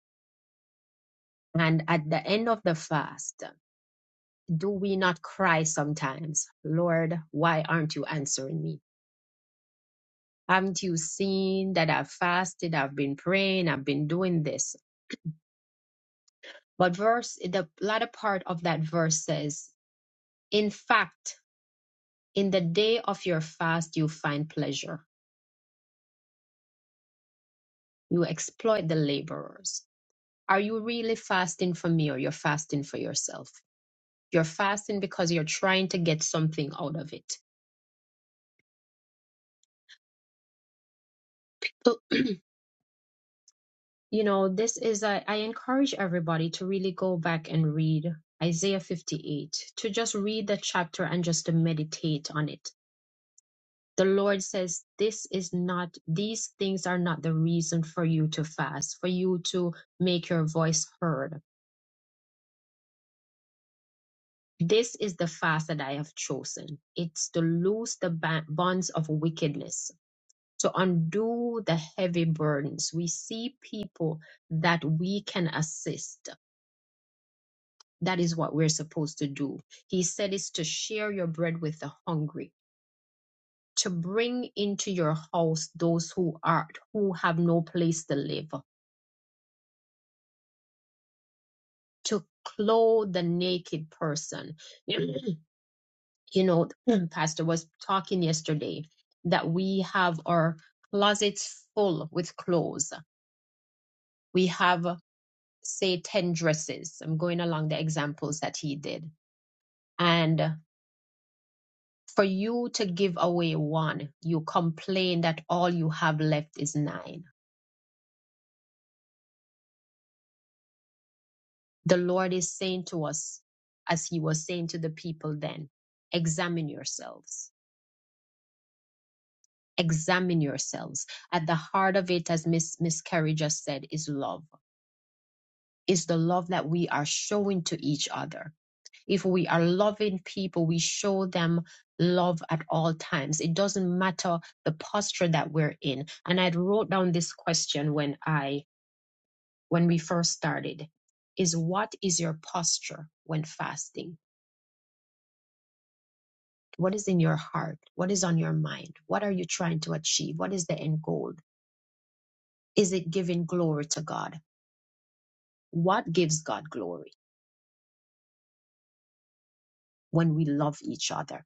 [SPEAKER 2] And at the end of the fast, do we not cry sometimes, Lord, why aren't you answering me? Haven't you seen that I've fasted? I've been praying. I've been doing this. But verse, the latter part of that verse says, in fact, in the day of your fast, you find pleasure. You exploit the laborers. Are you really fasting for me or you're fasting for yourself? You're fasting because you're trying to get something out of it. So, You know, this is, a, I encourage everybody to really go back and read Isaiah 58, to just read the chapter and just to meditate on it. The Lord says, This is not, these things are not the reason for you to fast, for you to make your voice heard. This is the fast that I have chosen. It's to loose the ba- bonds of wickedness to undo the heavy burdens. We see people that we can assist. That is what we're supposed to do. He said is to share your bread with the hungry, to bring into your house those who are who have no place to live, to clothe the naked person. you know, Pastor was talking yesterday that we have our closets full with clothes. We have say 10 dresses. I'm going along the examples that he did. And for you to give away one, you complain that all you have left is nine. The Lord is saying to us, as he was saying to the people then, examine yourselves. Examine yourselves. At the heart of it, as Miss, Miss Carrie just said, is love, is the love that we are showing to each other If we are loving people, we show them love at all times. It doesn't matter the posture that we're in. And I wrote down this question when I when we first started is what is your posture when fasting? What is in your heart? What is on your mind? What are you trying to achieve? What is the end goal? Is it giving glory to God? What gives God glory? When we love each other,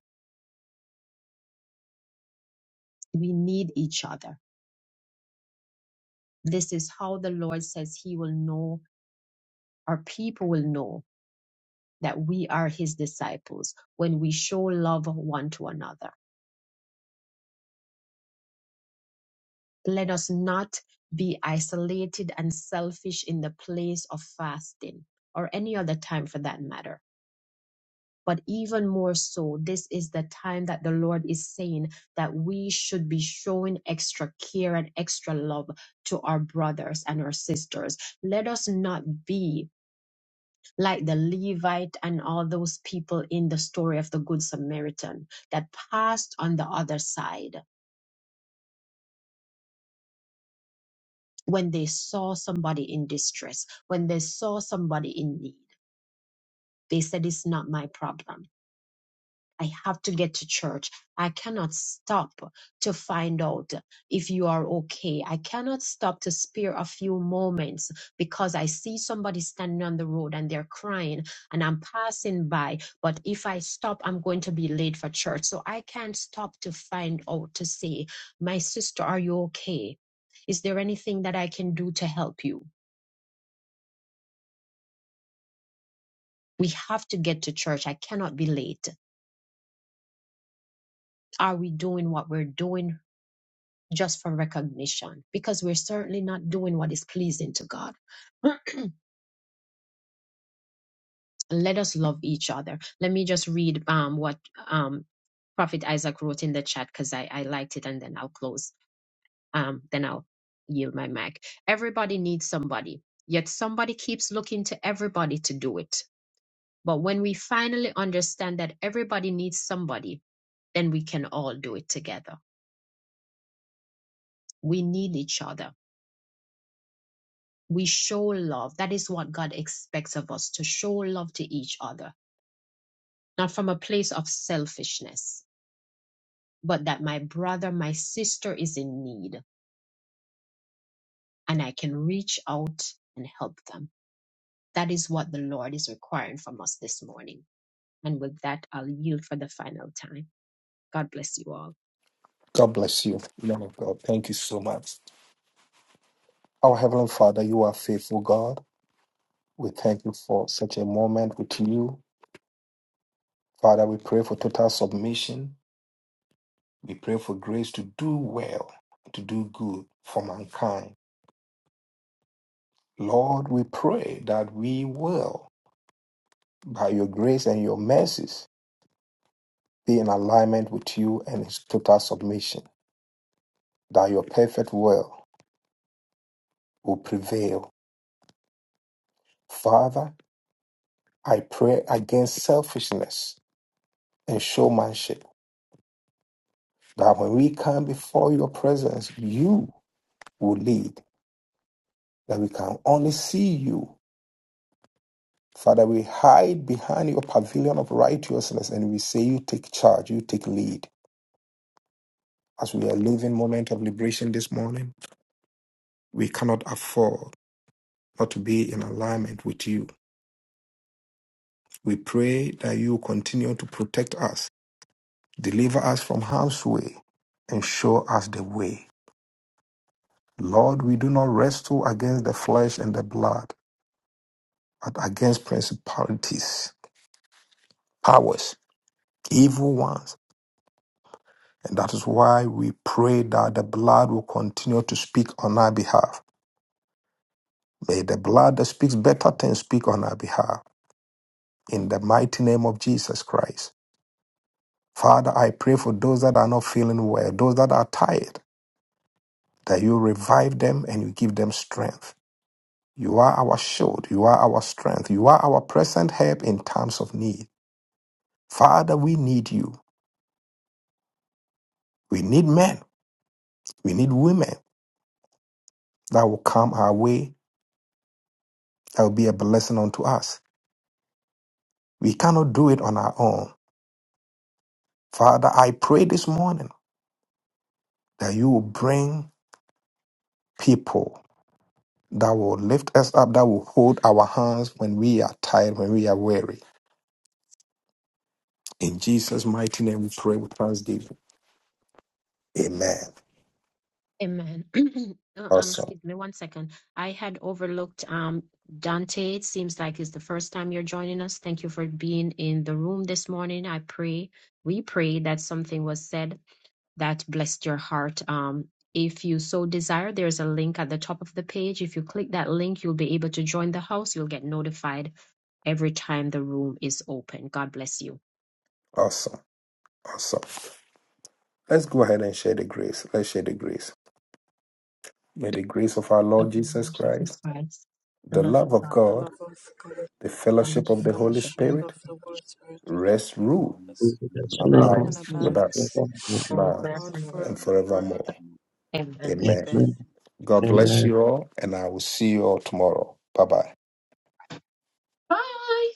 [SPEAKER 2] we need each other. This is how the Lord says He will know our people will know that we are his disciples when we show love one to another. Let us not be isolated and selfish in the place of fasting or any other time for that matter. But even more so, this is the time that the Lord is saying that we should be showing extra care and extra love to our brothers and our sisters. Let us not be like the Levite and all those people in the story of the Good Samaritan that passed on the other side when they saw somebody in distress, when they saw somebody in need. They said, It's not my problem. I have to get to church. I cannot stop to find out if you are okay. I cannot stop to spare a few moments because I see somebody standing on the road and they're crying and I'm passing by. But if I stop, I'm going to be late for church. So I can't stop to find out to say, My sister, are you okay? Is there anything that I can do to help you? We have to get to church. I cannot be late. Are we doing what we're doing just for recognition because we're certainly not doing what is pleasing to God. Let us love each other. Let me just read um, what um, Prophet Isaac wrote in the chat because I, I liked it and then I'll close. Um, then I'll yield my mic. Everybody needs somebody, yet somebody keeps looking to everybody to do it. But when we finally understand that everybody needs somebody, then we can all do it together. We need each other we show love. That is what God expects of us to show love to each other, not from a place of selfishness, but that my brother, my sister is in need and I can reach out and help them. That is what the Lord is requiring from us this morning. And with that, I'll yield for the final time. God bless you all.
[SPEAKER 1] God bless you, man of God. Thank you so much. Our Heavenly Father, you are faithful, God. We thank you for such a moment with you. Father, we pray for total submission. We pray for grace to do well, to do good for mankind. Lord, we pray that we will, by your grace and your mercies, be in alignment with you and its total submission, that your perfect will will prevail. Father, I pray against selfishness and showmanship, that when we come before your presence, you will lead, that we can only see you Father, we hide behind your pavilion of righteousness and we say, You take charge, you take lead. As we are living moment of liberation this morning, we cannot afford not to be in alignment with you. We pray that you continue to protect us, deliver us from harm's way, and show us the way. Lord, we do not wrestle against the flesh and the blood, but against principalities, powers, evil ones And that is why we pray that the blood will continue to speak on our behalf. May the blood that speaks better things speak on our behalf. In the mighty name of Jesus Christ. Father, I pray for those that are not feeling well, those that are tired, that you revive them and you give them strength. You are our shield. You are our strength. You are our present help in times of need. Father, we need you. We need men. We need women that will come our way, that will be a blessing unto us. We cannot do it on our own. Father, I pray this morning that you will bring people that will lift us up, that will hold our hands when we are tired, when we are weary. In Jesus' mighty name, we pray with thanksgiving. Amen.
[SPEAKER 2] Amen. Uh, um,
[SPEAKER 1] Awesome.
[SPEAKER 2] excuse me one second. I had overlooked um Dante. It seems like it's the first time you're joining us. Thank you for being in the room this morning. I pray, we pray that something was said that blessed your heart. Um, if you so desire, there's a link at the top of the page. If you click that link, you'll be able to join the house. You'll get notified every time the room is open. God bless you.
[SPEAKER 1] Awesome. Awesome. Let's go ahead and share the grace. Let's share the grace. May the grace of our
[SPEAKER 2] God
[SPEAKER 1] Lord
[SPEAKER 2] bless you,
[SPEAKER 1] Jesus
[SPEAKER 2] Jesus
[SPEAKER 1] Christ,
[SPEAKER 2] Christ, the
[SPEAKER 1] the
[SPEAKER 2] love of
[SPEAKER 1] love of
[SPEAKER 2] God,
[SPEAKER 7] The
[SPEAKER 1] God,
[SPEAKER 7] love of God,
[SPEAKER 1] the fellowship
[SPEAKER 7] the
[SPEAKER 2] fellowship
[SPEAKER 1] of the
[SPEAKER 2] of
[SPEAKER 1] Holy
[SPEAKER 2] the
[SPEAKER 7] fellowship
[SPEAKER 2] Holy
[SPEAKER 7] of
[SPEAKER 1] Spirit
[SPEAKER 7] the Holy Spirit
[SPEAKER 1] rest, rule,
[SPEAKER 5] you.
[SPEAKER 7] is
[SPEAKER 1] and
[SPEAKER 2] the
[SPEAKER 7] full
[SPEAKER 1] abide
[SPEAKER 7] and
[SPEAKER 1] with
[SPEAKER 2] Prayer
[SPEAKER 7] abide
[SPEAKER 1] us
[SPEAKER 4] Amen.
[SPEAKER 2] for
[SPEAKER 1] now
[SPEAKER 7] on
[SPEAKER 2] forevermore.
[SPEAKER 1] and
[SPEAKER 7] forevermore.
[SPEAKER 1] forevermore.
[SPEAKER 5] In
[SPEAKER 2] Amen.
[SPEAKER 1] Amen.
[SPEAKER 5] Jesus.
[SPEAKER 7] Amen.
[SPEAKER 1] God bless
[SPEAKER 4] Amen.
[SPEAKER 1] you all, and I will see you all tomorrow. Bye bye.
[SPEAKER 2] Bye.